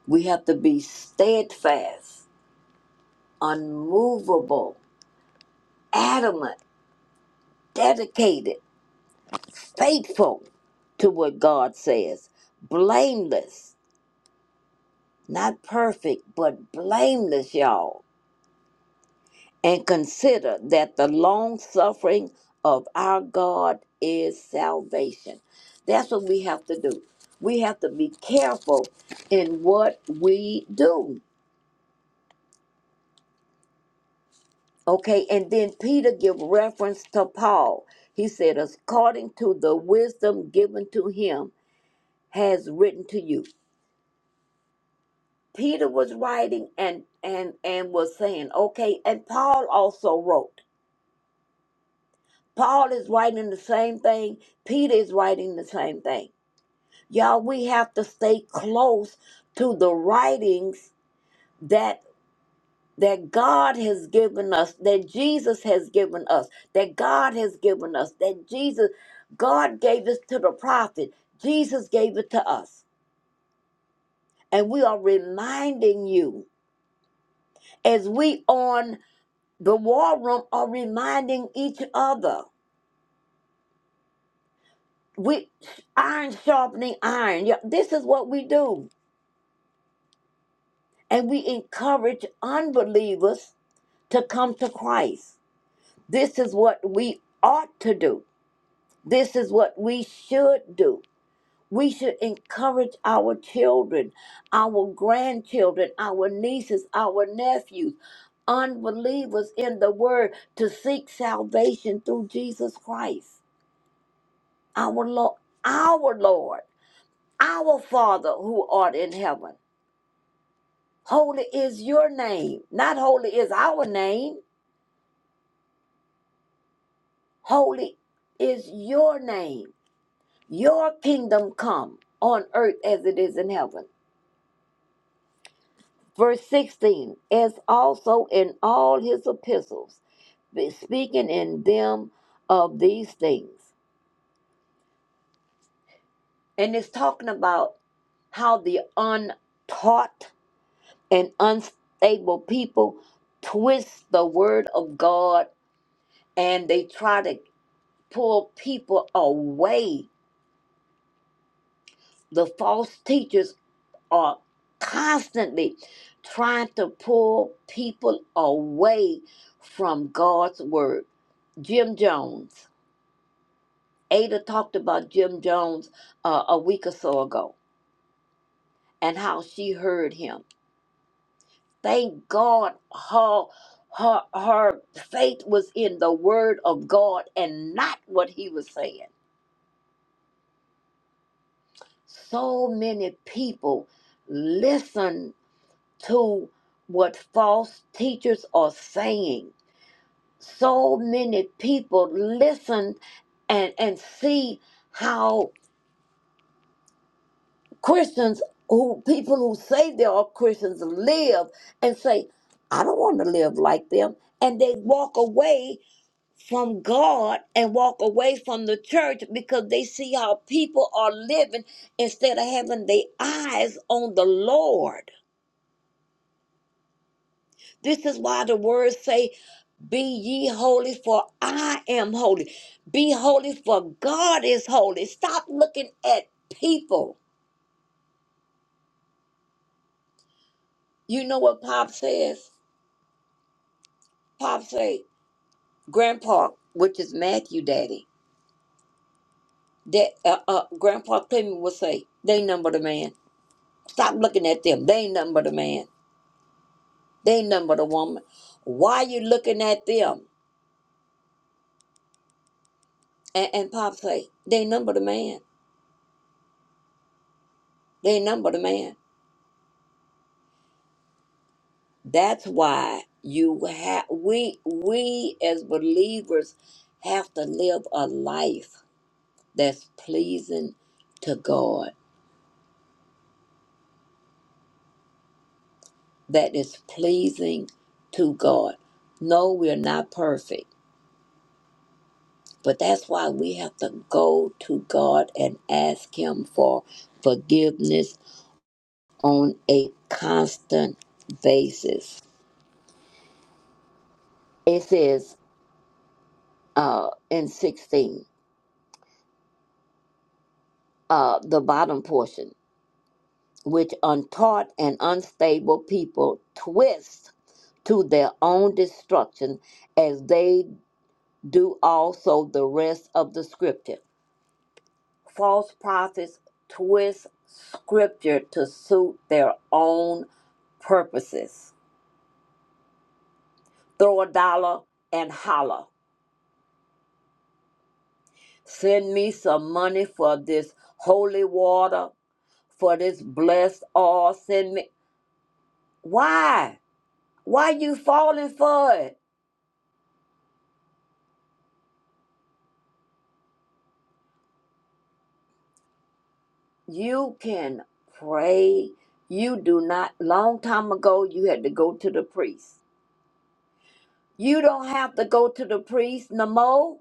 We have to be steadfast, unmovable, adamant, dedicated, faithful to what God says, blameless, not perfect, but blameless, y'all and consider that the long suffering of our God is salvation. That's what we have to do. We have to be careful in what we do. Okay, and then Peter give reference to Paul. He said, according to the wisdom given to him, has written to you. Peter was writing and and and was saying, okay, and Paul also wrote. Paul is writing the same thing. Peter is writing the same thing Y'all, we have to stay close to the writings that that God has given us, that Jesus has given us, that God has given us, that Jesus, God gave this to the prophet. Jesus gave it to us. And we are reminding you as we on the war room are reminding each other. We iron sharpening iron. Yeah, This is what we do. And we encourage unbelievers to come to Christ This is what we ought to do. This is what we should do. We should encourage our children, our grandchildren, our nieces, our nephews, unbelievers in the word to seek salvation through Jesus Christ, our Lord, our Lord, our Father who art in heaven. Holy is your name. Not holy is our name. Holy is your name. Your kingdom come on earth as it is in heaven. Verse 16, as also in all his epistles, be- speaking in them of these things. And it's talking about how the untaught and unstable people twist the word of God and they try to pull people away. The false teachers are constantly trying to pull people away from God's word. Jim Jones, Ada talked about Jim Jones uh, a week or so ago and how she heard him. Thank God her, her, her faith was in the word of God and not what he was saying. So many people listen to what false teachers are saying so many people listen and and see how Christians who people who say they are Christians live and say, I don't want to live like them. And they walk away from God and walk away from the church because they see how people are living instead of having their eyes on the Lord. This is why the words say Be ye holy, for I am holy. Be holy, for God is holy. Stop looking at people. You know what Pop says? Pop say, Grandpa, which is Matthew Daddy, that uh, uh, Grandpa Clement will say, they ain't nothing but a man. Stop looking at them. They ain't nothing but a man. They ain't nothing but a woman. Why you looking at them? And, and Pop say, they ain't nothing but a man. They ain't nothing but a man. That's why you have we we as believers have to live a life that's pleasing to God, that is pleasing to God. No, we're not perfect, but that's why we have to go to God and ask Him for forgiveness on a constant basis. It says uh, in 16, uh, the bottom portion. which untaught and unstable people twist to their own destruction as they do also the rest of the scripture. False prophets twist scripture to suit their own purposes. Throw a dollar and holler. Send me some money for this holy water, for this blessed oil. Send me. Why? Why you falling for it? you can pray you do not long time ago you had to go to the priest you don't have to go to the priest no more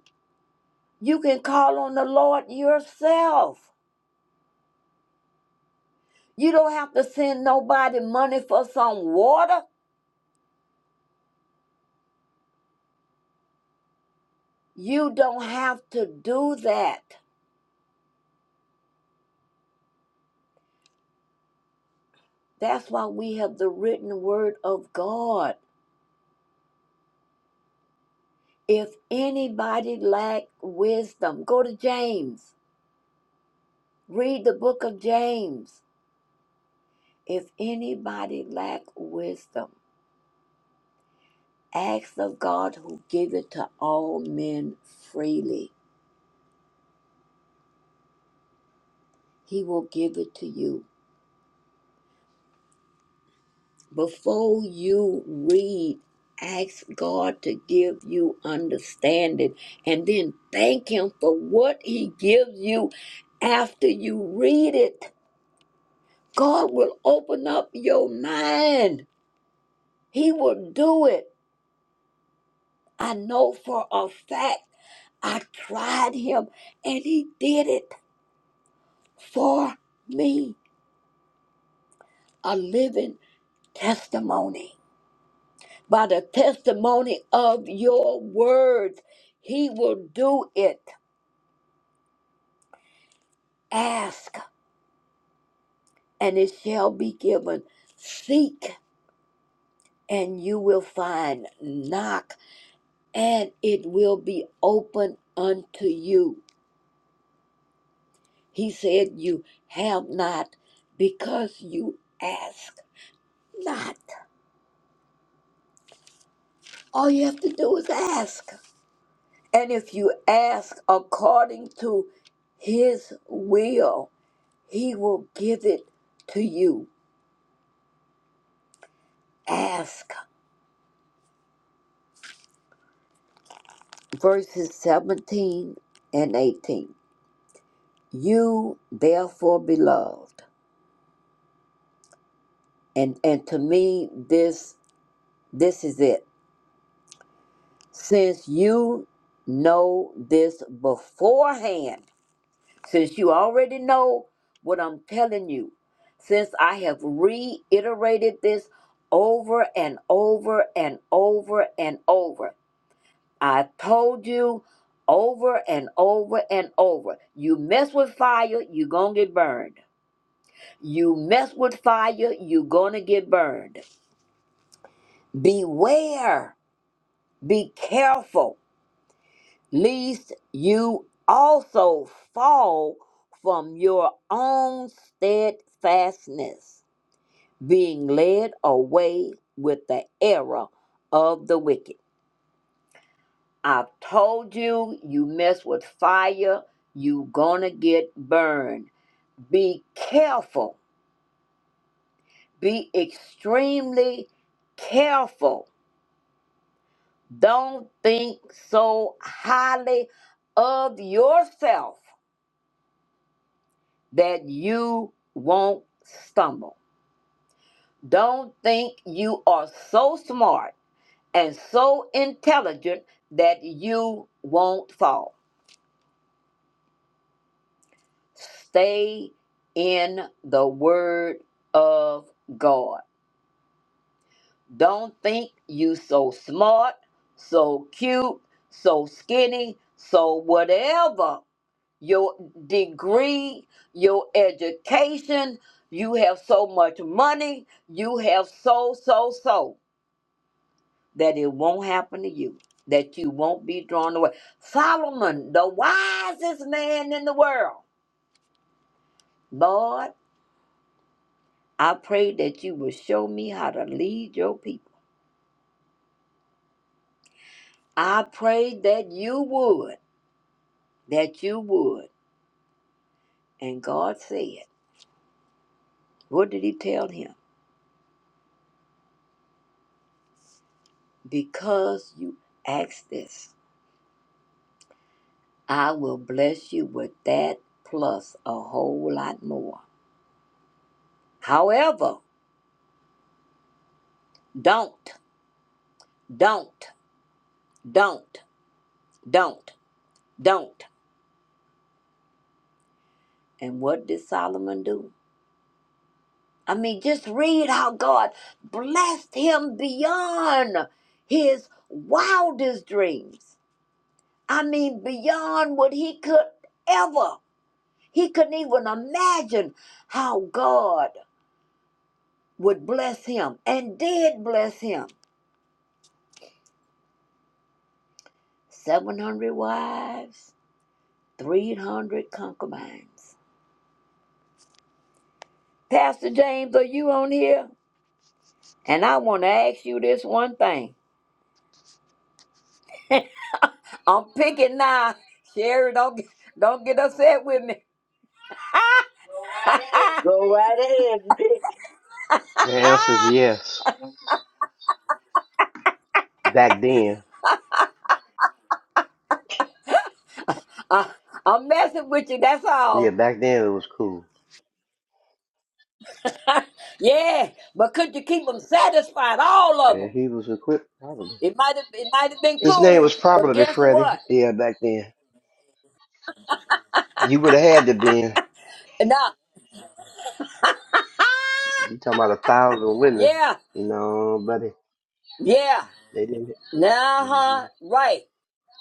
you can call on the lord yourself you don't have to send nobody money for some water you don't have to do that that's why we have the written word of god if anybody lack wisdom go to james read the book of james If anybody lack wisdom, ask of God who give it to all men freely. He will give it to you. Before you read, ask God to give you understanding and then thank Him for what He gives you after you read it. God will open up your mind. He will do it. I know for a fact. I tried Him and He did it. for me a living testimony. By the testimony of your words, he will do it. Ask and it shall be given. Seek and you will find. Knock and it will be open unto you. He said, You have not because you ask not. All you have to do is ask. And if you ask according to his will, he will give it to you. Ask. Verses 17 and 18. You therefore beloved. And and to me this this is it. Since you know this beforehand, Since you already know what I'm telling you, since I have reiterated this over and over and over and over, I told you over and over and over. You mess with fire, you're going to get burned. You mess with fire, you're going to get burned. Beware, be careful. lest you also fall from your own steadfastness, being led away with the error of the wicked. I told you, you mess with fire, you gonna get burned. Be careful. Be extremely careful. Don't think so highly of yourself that you won't stumble. Don't think you are so smart and so intelligent that you won't fall. Stay in the word of God. Don't think you so smart, so cute, so skinny, so whatever your degree, your education, you have so much money, you have so, so, so that it won't happen to you, that you won't be drawn away. Solomon, the wisest man in the world, Lord, I pray that you will show me how to lead your people. I pray that you would, that you would. And God said, What did he tell him? Because you asked this. I will bless you with that plus a whole lot more. However, don't, don't, don't, don't, don't. And what did Solomon do? I mean, just read how God blessed him beyond his wildest dreams. I mean, beyond what he could ever. He couldn't even imagine how God would bless him and did bless him. 700 wives, 300 concubines. Pastor James, are you on here? And I want to ask you this one thing. I'm picking now. Sherry, don't, get- don't get upset with me. Go right ahead. The answer is yes. Back then, I, I'm messing with you, that's yeah, all. back then it was cool, yeah, but could you keep them satisfied, all of them? and he was equipped probably. It might have it might have been His name cool, was but probably guess Freddie. what? Yeah, back then you would have had to be. Nah, You talking about a thousand women? yeah, No, buddy, yeah, they didn't. nah, hmm huh, right.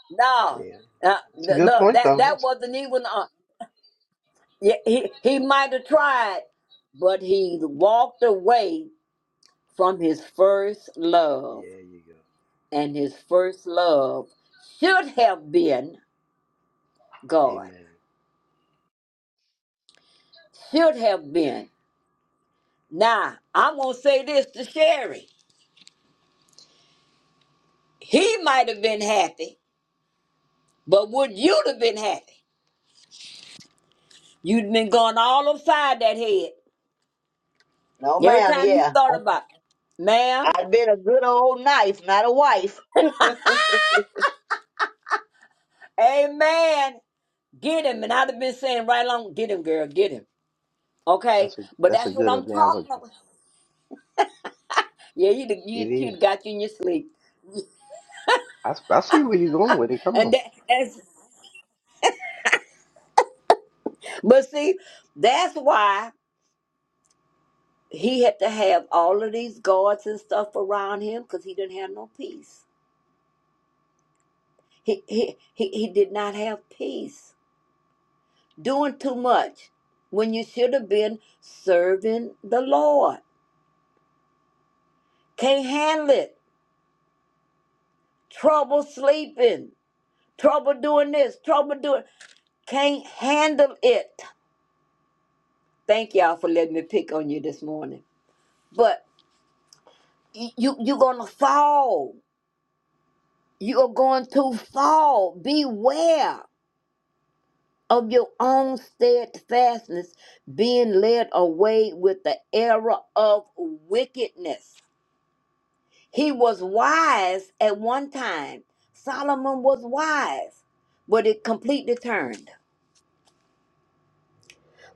No, Yeah, uh, that's a th- good no, point that though. that wasn't even. Uh, yeah, he he might have tried, but he walked away from his first love, Yeah, you go. and his first love should have been God. Amen. Should have been. Now I'm gonna say this to Sherry. He might have been happy, but would you have been happy? You'd been going all upside that head No, every ma'am. time you Yeah, thought about, it. ma'am. I've been a good old knife, not a wife. Amen. Get him. And I'd have been saying right along, get him, girl, get him. Okay? That's a But that's a that's what good I'm talking analogy. about. Yeah, you'd have, It you'd, you'd is. have got you in your sleep. I, s- I see where you're going with it. Come And on. that, that's, but see, that's why he had to have all of these guards and stuff around him because he didn't have no peace. He, he, he, he did not have peace. Doing too much when you should have been serving the Lord. Can't handle it. Trouble sleeping. Trouble doing this. Trouble doing. Can't handle it. Thank y'all for letting me pick on you this morning. But y- you you're gonna fall. You are going to fall. Beware of your own steadfastness being led away with the error of wickedness. He was wise at one time. Solomon was wise, but it completely turned.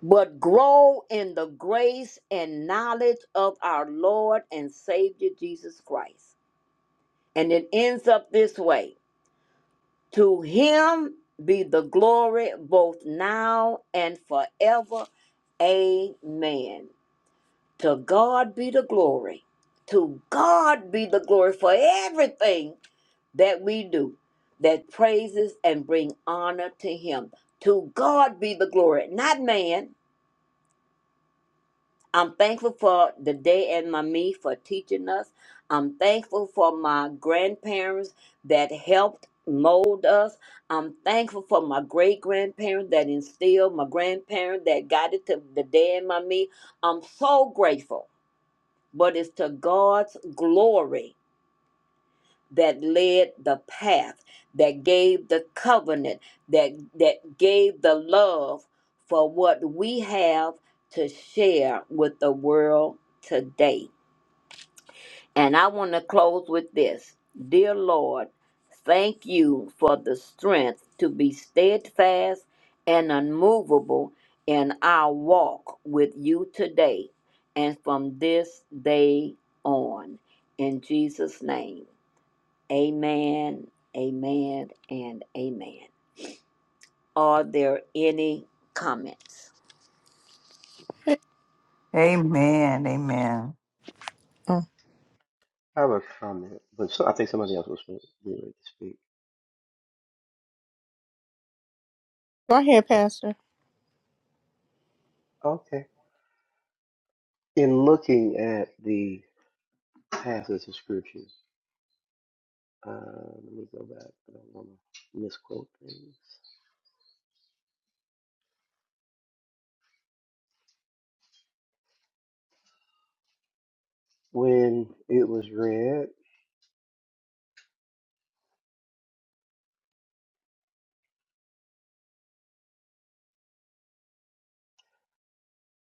but grow in the grace and knowledge of our Lord and Savior Jesus Christ. And it ends up this way To him be the glory both now and forever. Amen. To God be the glory. To God be the glory for everything that we do that praises and bring honor to him. To God be the glory, not man I'm thankful for the day and my me for teaching us. I'm thankful for my grandparents that helped mold us. I'm thankful for my great grandparents that instilled, my grandparents that guided to the day and my me. I'm so grateful, but it's to God's glory that led the path, that gave the covenant, that that gave the love for what we have to share with the world today. And I want to close with this. Dear Lord, thank you for the strength to be steadfast and unmovable in our walk with you today and from this day on. In Jesus' name. Amen, amen, and amen. Are there any comments? Amen. Amen. Oh, I have a comment, but so, I think somebody else was getting ready to speak. go ahead, Pastor. Okay. in looking at the passage of scriptures, uh, let me go back. I don't want to misquote things. When it was read,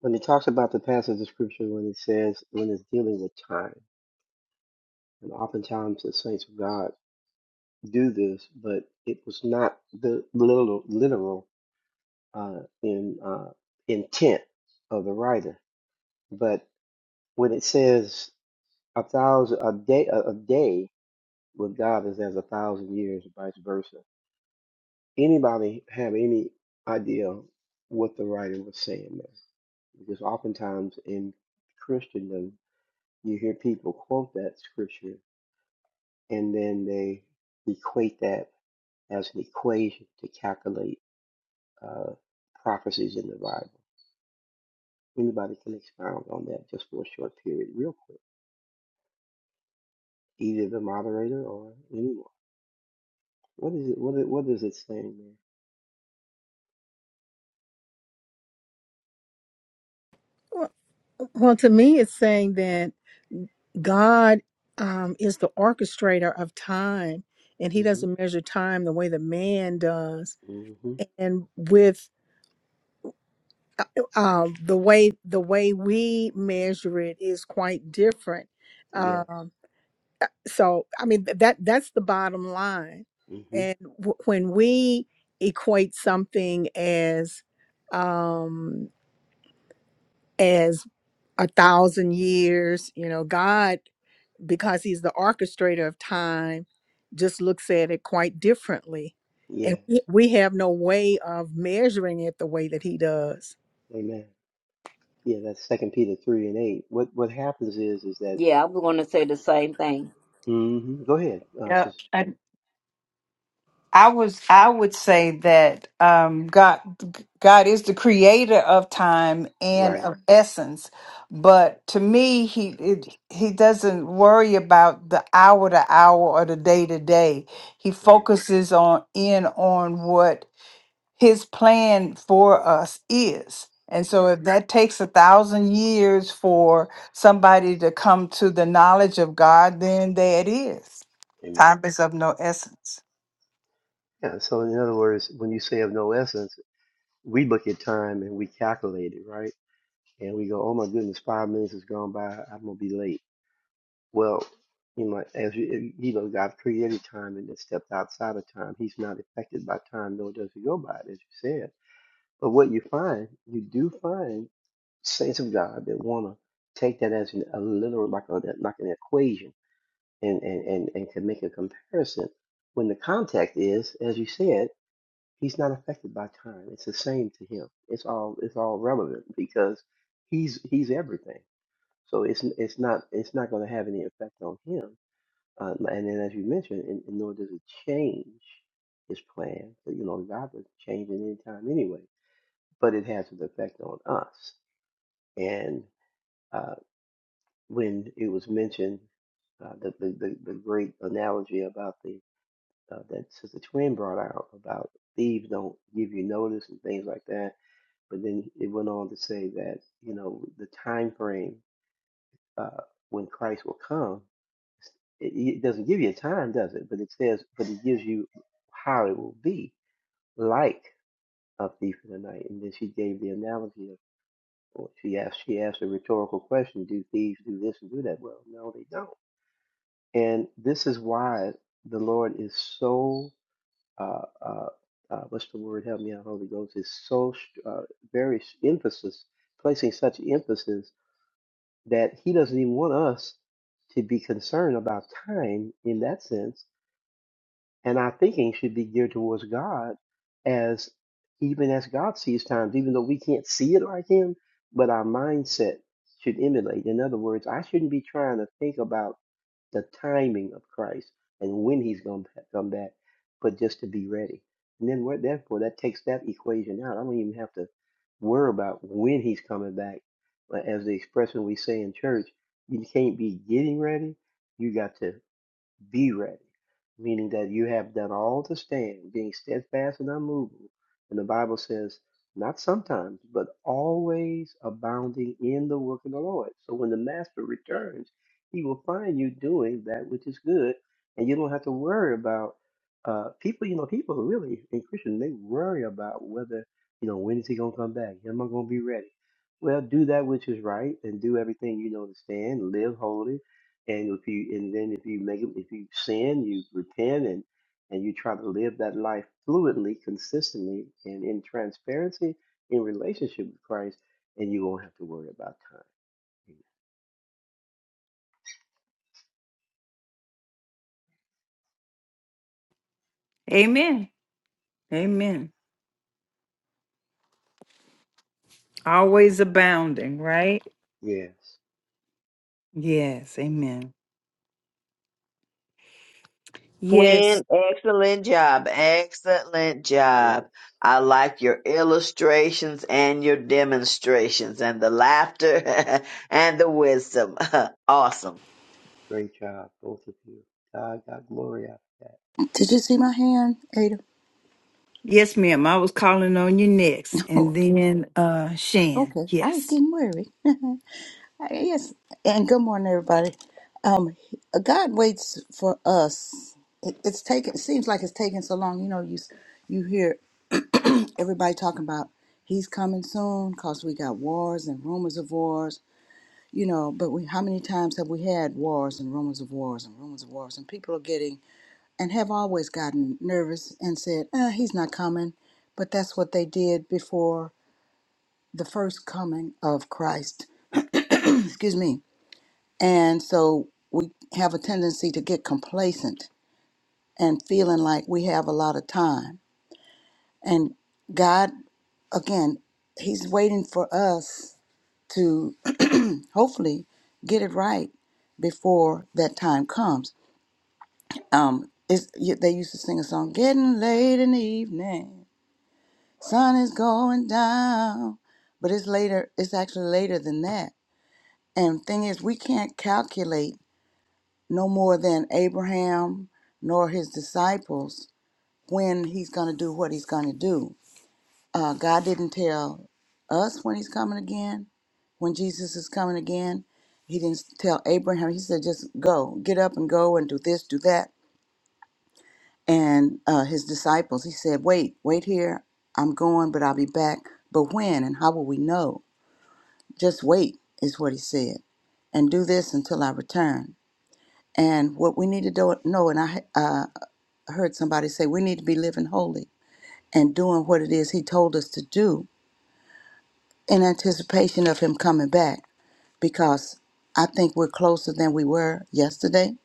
when it talks about the passage of scripture, when it says, when it's dealing with time, and oftentimes the saints of God do this, but it was not the literal, literal uh, in uh, intent of the writer. But when it says a thousand a day, a a day with God is as a thousand years, vice versa Anybody have any idea what the writer was saying there? Because oftentimes in Christendom, you hear people quote that scripture and then they equate that as an equation to calculate uh, prophecies in the Bible. Anybody can expound on that just for a short period, real quick, either the moderator or anyone. What is it? What is, what is it saying there? Well, to me, it's saying that God um, is the orchestrator of time, and He Mm-hmm. doesn't measure time the way that man does. Mm-hmm. And with uh, um, the way the way we measure it is quite different. Yes. Um, so, I mean th- that that's the bottom line. Mm-hmm. And w- when we equate something as um, as a thousand years, you know, God. because he's the orchestrator of time, just looks at it quite differently. And Yes. we we have no way of measuring it the way that he does. Amen. Yeah, that's Second Peter three and eight. What what happens is is that Yeah, I'm going to say the same thing. hmm go ahead, uh, Yep. Sister Joanne. And I was I would say that um God God is the creator of time and Right, of essence. But to me he it, he doesn't worry about the hour to hour or the day to day. He right, focuses on in on what his plan for us is. And right. so, if that takes a thousand years for somebody to come to the knowledge of God, then there it is. Amen. Time is of no essence. Yeah. So in other words, when you say of no essence, we look at time and we calculate it, right? And we go, oh my goodness, five minutes has gone by. I'm gonna be late. Well, you know, as you, you know, God created time and then stepped outside of time. He's not affected by time, nor does he go by it, as you said. But what you find, you do find say some God that want to take that as an, a literal, like, a, like an equation and, and, and, and can make a comparison when the context is, as you said, he's not affected by time. It's the same to him. It's all, it's all relevant because he's, he's everything. So it's, it's not, it's not going to have any effect on him. Uh, and then, as you mentioned, and, and nor does it change his plan. But, you know, God was changing any time anyway, but it has an effect on us. And uh, when it was mentioned uh, the, the, the the great analogy about the uh, that Sister Twin brought out about thieves don't give you notice and things like that. But then it went on to say that you know the time frame uh, when Christ will come, it, it doesn't give you a time, does it? But it says, but it gives you how it will be like a thief in the night. And then she gave the analogy of. Well, she asked. She asked a rhetorical question: Do thieves do this and do that? Well, no, they don't And this is why the Lord is so, uh, uh, uh, what's the word? Help me out, Holy Ghost, is so uh, very emphasis, placing such emphasis that He doesn't even want us to be concerned about time in that sense. And our thinking should be geared towards God as even as God sees times, even though we can't see it like Him, but our mindset should emulate. In other words, I shouldn't be trying to think about the timing of Christ and when He's going to come back, but just to be ready. And then what? Therefore, that takes that equation out. I don't even have to worry about when He's coming back. But as the expression we say in church, you can't be getting ready. You got to be ready, meaning that you have done all to stand, being steadfast and unmovable. And the Bible says, not sometimes, but always abounding in the work of the Lord. So when the master returns, he will find you doing that which is good, and you don't have to worry about uh, people. You know, people really in Christian they worry about whether you know when is he gonna come back? Am I gonna be ready? Well, do that which is right, and do everything you know to stand. Live holy, and if you and then if you make if you sin, you repent and and you try to live that life fluidly, consistently, and in transparency in relationship with Christ, and you won't have to worry about time. Amen. Amen. Always abounding, right? Yes, Yes. Amen. Yes. Quinn, excellent job. Excellent job. yes, I like your illustrations and your demonstrations and the laughter and the wisdom. awesome. great job, both of you. God got glory out of that. Did you see my hand, Ada? Yes, ma'am. I was calling on you next. And Oh, then uh Shan. okay. I was Yes. getting worried. yes. And good morning, everybody. Um, God waits for us. It, it's taking. It seems like it's taking so long. You know, you s- you hear everybody talking about He's coming soon because we got wars and rumors of wars. You know, but we, how many times have we had wars and rumors of wars and rumors of wars? And people are getting and have always gotten nervous and said, uh, he's not coming. But that's what they did before the first coming of Christ. Excuse me. And so we have a tendency to get complacent and feeling like we have a lot of time. And God, again, He's waiting for us to hopefully get it right before that time comes. Um, it's, y- they used to sing a song, "Getting late in the evening, sun is going down," but it's later. It's actually later than that. And thing is, we can't calculate no more than Abraham nor his disciples when he's going to do what he's going to do. Uh, God didn't tell us when he's coming again, when Jesus is coming again. He didn't tell Abraham. He said, just go, get up and go and do this, do that. And uh, his disciples, he said, wait, wait here. I'm going, but I'll be back. But when and how will we know? Just wait, is what he said and do this until I return. And what we need to do, know, and I, uh, heard somebody say we need to be living holy and doing what it is he told us to do in anticipation of him coming back because I think we're closer than we were yesterday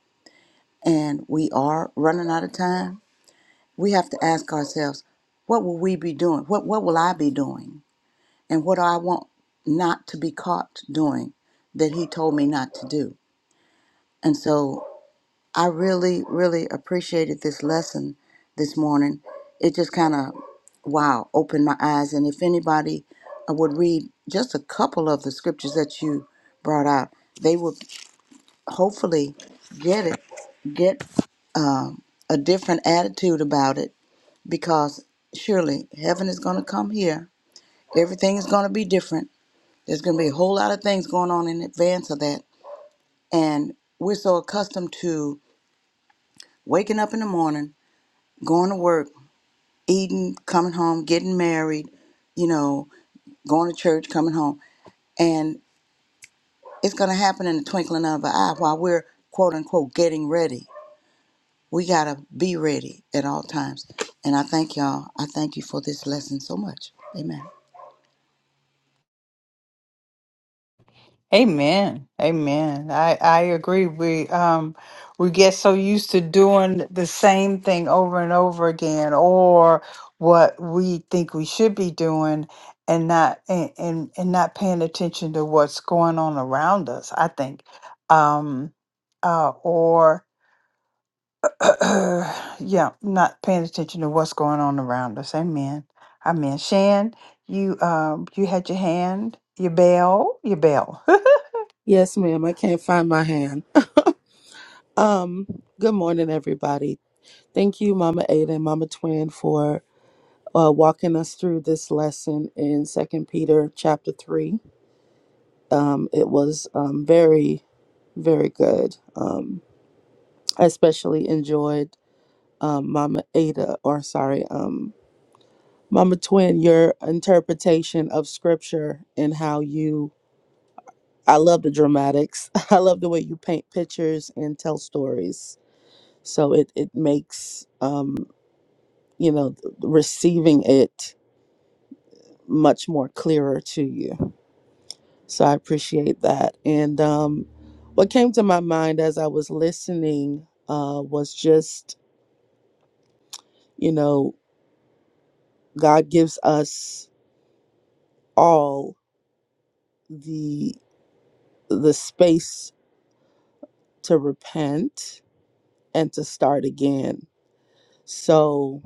and we are running out of time. We have to ask ourselves, what will we be doing? What what will I be doing? And what do I want not to be caught doing that he told me not to do? And so I really, really appreciated this lesson this morning. It just kind of, wow, opened my eyes. And if anybody uh, would read just a couple of the scriptures that you brought out, they would hopefully get it, get a different attitude about it, because surely heaven is going to come here. Everything is going to be different. There's going to be a whole lot of things going on in advance of that. And we're so accustomed to waking up in the morning, going to work, eating, coming home, getting married, you know, going to church, coming home. And it's going to happen in the twinkling of an eye while we're quote unquote getting ready. We got to be ready at all times. And I thank y'all. I thank you for this lesson so much. Amen. Amen. Amen. I, I agree. We um we get so used to doing the same thing over and over again or what we think we should be doing and not and, and, and not paying attention to what's going on around us, I think. Um uh or yeah, not paying attention to what's going on around us. Amen. Amen. Shan, you um you had your hand, your bell, your bell. Yes, ma'am. I can't find my hand. Um, good morning, everybody. Thank you, Mama Ada and Mama Twin, for uh, walking us through this lesson in Second Peter chapter three. Um, it was um, very, very good. Um, I especially enjoyed um, Mama Ada, or sorry, um, Mama Twin, your interpretation of Scripture and how you I love the dramatics. I love the way you paint pictures and tell stories. So it it makes um, you know th- receiving it much more clearer to you. So I appreciate that. And um, what came to my mind as I was listening uh, was just you know God gives us all the the space to repent and to start again. So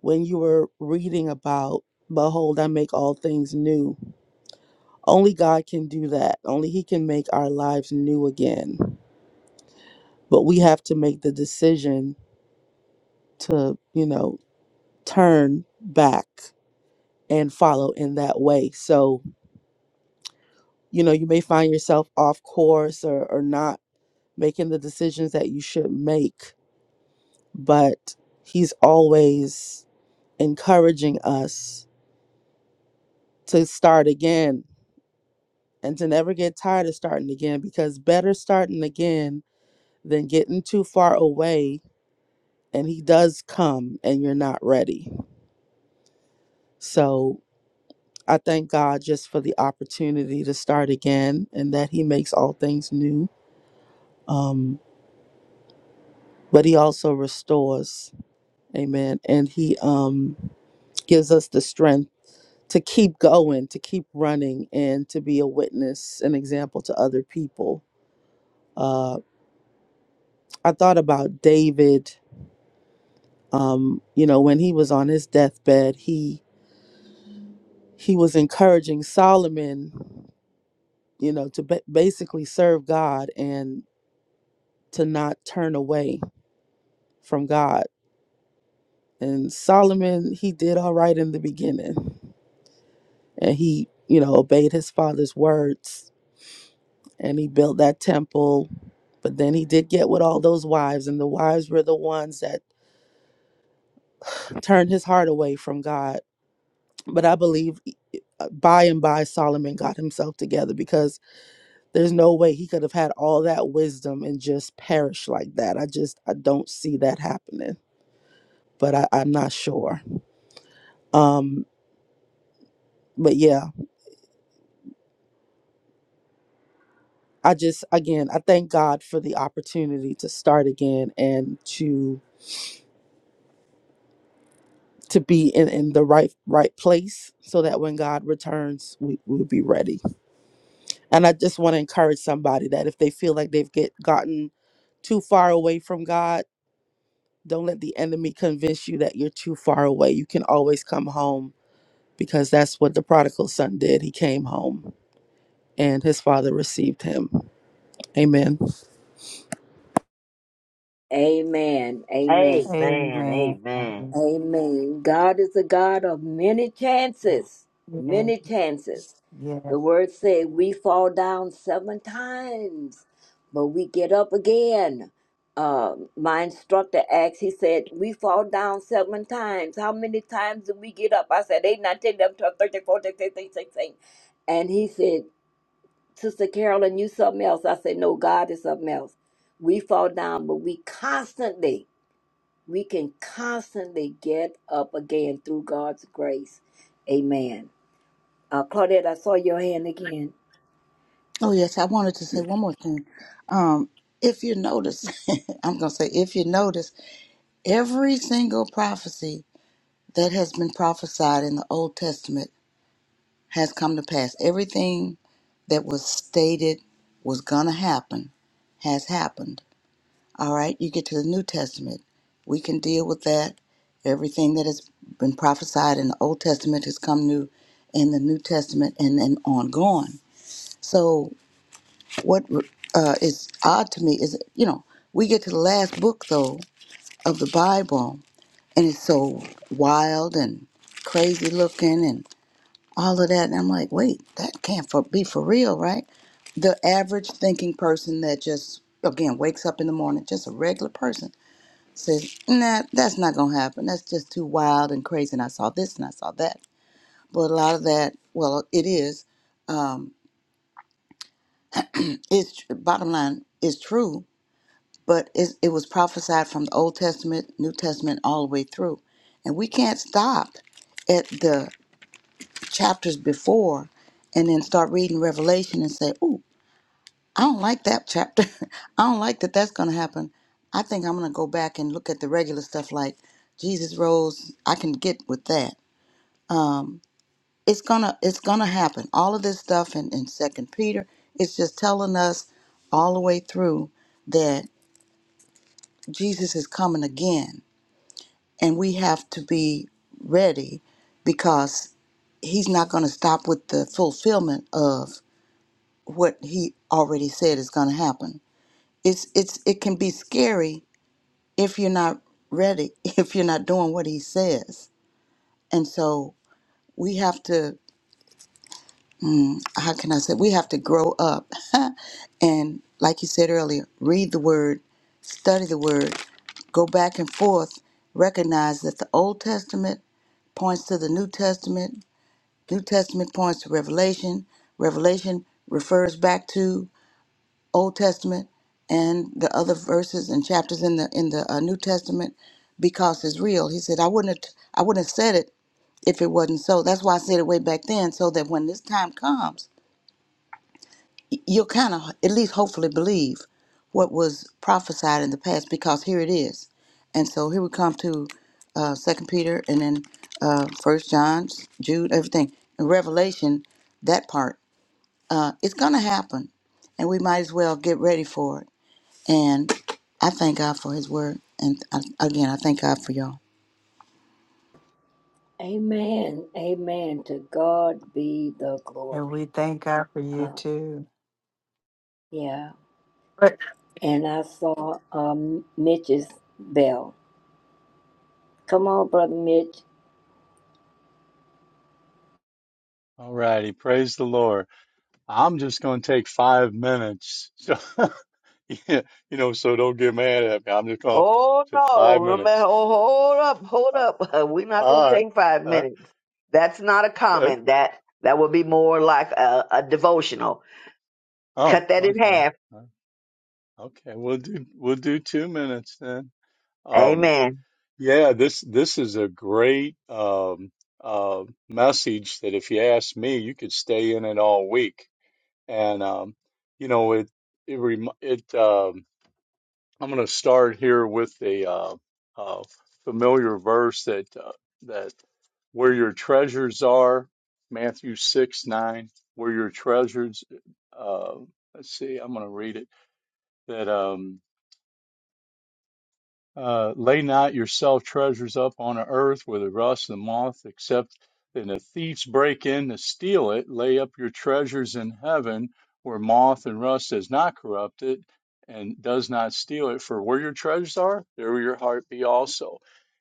when you were reading about, Behold, I make all things new. Only God can do that. Only He can make our lives new again. But we have to make the decision to, you know, turn back and follow in that way. So, you know, you may find yourself off course or, or not making the decisions that you should make, but He's always encouraging us to start again and to never get tired of starting again because better starting again than getting too far away and he does come and you're not ready. So I thank God just for the opportunity to start again and that he makes all things new. Um but he also restores. Amen. And he um gives us the strength to keep going, to keep running and to be a witness, an example to other people. Uh I thought about David um, you know, when he was on his deathbed, he he was encouraging Solomon, you know, to ba- basically serve God and to not turn away from God. And Solomon, he did all right in the beginning, and he, you know, obeyed his father's words, and he built that temple. But then he did get with all those wives, and the wives were the ones that turned his heart away from God. But I believe uh, by and by Solomon got himself together because There's no way he could have had all that wisdom and just perish like that. I just I don't see that happening. But I, I'm not sure. Um, but yeah, I just again I thank God for the opportunity to start again and to to be in, in the right right place so that when God returns we, we'll be ready. And I just want to encourage somebody that if they feel like they've get gotten too far away from God, don't let the enemy convince you that you're too far away. You can always come home because that's what the prodigal son did. He came home and his father received him. Amen. Amen, amen, Amen. Amen. Amen. amen. God is a God of many chances, Yes. many chances. Yes. The word said we fall down seven times, but we get up again. Uh, my instructor asked, he said, We fall down seven times. How many times do we get up? I said, Eight, nine, ten, eleven, twelve, thirteen, fourteen, fifteen, sixteen. And he said, Sister Carolyn, you something else. I said, No, God is something else. We fall down, but we constantly, we can constantly get up again through God's grace. Amen. Uh, Claudette, I saw your hand again. Oh, yes. I wanted to say one more thing. Um, if you notice, I'm going to say, if you notice, every single prophecy that has been prophesied in the Old Testament has come to pass. Everything that was stated was going to happen has happened. All right, you get to the New Testament. We can deal with that. Everything that has been prophesied in the Old Testament has come new in the New Testament and then ongoing. So, what uh, is odd to me is, you know, we get to the last book, though, of the Bible, and it's so wild and crazy looking and all of that. And I'm like, wait, that can't for, be for real, right? The average thinking person that just, again, wakes up in the morning, just a regular person, says, nah, that's not going to happen. That's just too wild and crazy. And I saw this and I saw that. But a lot of that, well, it is, um, it's, bottom line, is true, but it, it was prophesied from the Old Testament, New Testament, all the way through. And we can't stop at the chapters before and then start reading Revelation and say, "Ooh." I don't like that chapter. I don't like that that's going to happen. I think I'm going to go back and look at the regular stuff like Jesus rose. I can get with that. It's going to it's going to happen. All of this stuff in in 2nd Peter is just telling us all the way through that Jesus is coming again and we have to be ready because he's not going to stop with the fulfillment of what he already said is going to happen. It's it's it can be scary if you're not ready, if you're not doing what he says. And so we have to, how can I say, we have to grow up. and like you said earlier, read the word, study the word, go back and forth, recognize that the Old Testament points to the New Testament, New Testament points to Revelation, Revelation refers back to Old Testament and the other verses and chapters in the in the uh, New Testament because it's real. He said, "I wouldn't have, I wouldn't have said it if it wasn't so." That's why I said it way back then, so that when this time comes, y- you'll kind of at least hopefully believe what was prophesied in the past because here it is. And so here we come to uh, Second Peter and then uh, First John, Jude, everything, and Revelation. That part, uh, it's gonna happen, and we might as well get ready for it and I thank God for his word. And I, again, I thank God for y'all. Amen. Amen. To God be the And we glory. thank God for you Uh, too. yeah. And I saw um, Mitch's bell. Come on, Brother Mitch. All righty, praise the Lord. I'm just going to take five minutes. So, yeah, you know, so don't get mad at me. I'm just going Oh to five no, no matter, minutes. oh, hold up, hold Uh, up. We're not going all to right. take five Uh, minutes. That's not a uh, comment. That that would be more like a, a devotional. oh, Cut that in okay. half. Uh, Okay, we'll do we'll do two minutes then. Um, Amen. yeah, this this is a great um, uh, message that if you ask me, you could stay in it all week. And um, you know, it it rem- it. Um, I'm going to start here with a uh, uh, familiar verse that uh, that where your treasures are, Matthew six nine, where your treasures. Uh, let's see, I'm going to read it. That um, uh, lay not yourself treasures up on the earth where the rust and moth except, and the thieves break in to steal it. Lay up your treasures in heaven where moth and rust does not corrupt it and does not steal it. For where your treasures are, there will your heart be also.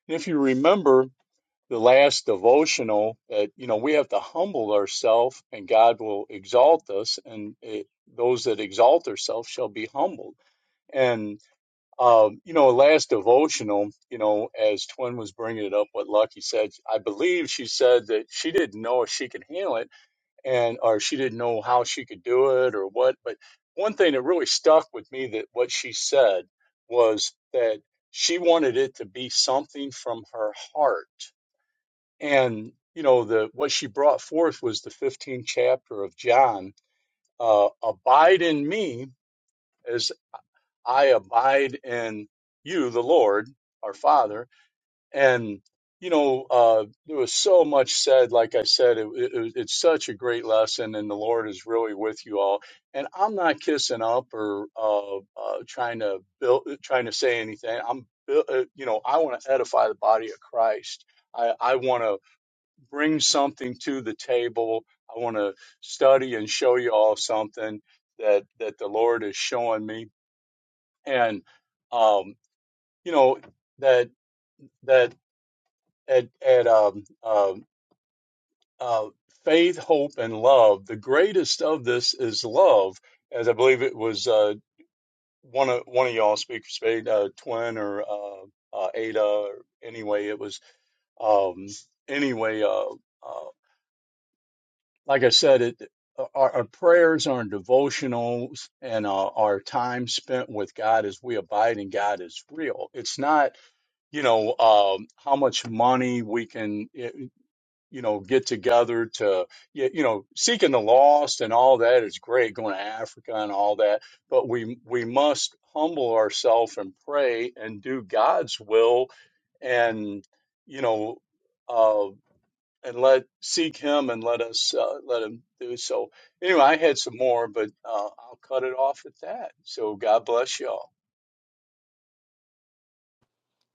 And if you remember the last devotional, that you know we have to humble ourselves, and God will exalt us, and it, those that exalt themselves shall be humbled. And um, you know, last devotional, you know, as Twin was bringing it up, what Lucky said, I believe she said that she didn't know if she could handle it and, or she didn't know how she could do it or what. But one thing that really stuck with me that what she said was that she wanted it to be something from her heart. And, you know, the, what she brought forth was the 15th chapter of John, uh, abide in me I abide in you, the Lord, our Father. And, you know, uh, there was so much said. Like I said, it, it, it's such a great lesson, and the Lord is really with you all. And I'm not kissing up or uh, uh, trying to build, trying to say anything. I'm, bu- uh, you know, I want to edify the body of Christ. I, I want to bring something to the table. I want to study and show you all something that that the Lord is showing me and um, you know that that at at um, um, uh, faith, hope, and love. The greatest of this is love, as I believe it was uh, one of one of y'all speak for spade uh, twin or uh, uh, Ada. Or anyway, it was um, anyway. Uh, uh, like I said, it. Our, our prayers, our devotionals, and uh, our time spent with God as we abide in God is real. It's not you know, um, how much money we can, eh, you know, get together to, y- you know, seeking the lost and all that is great, going to Africa and all that, but we we must humble ourselves and pray and do God's will and, you know, uh, and let seek Him and let us uh, let Him do so. Anyway, I had some more, but uh, I'll cut it off at that. So God bless y'all.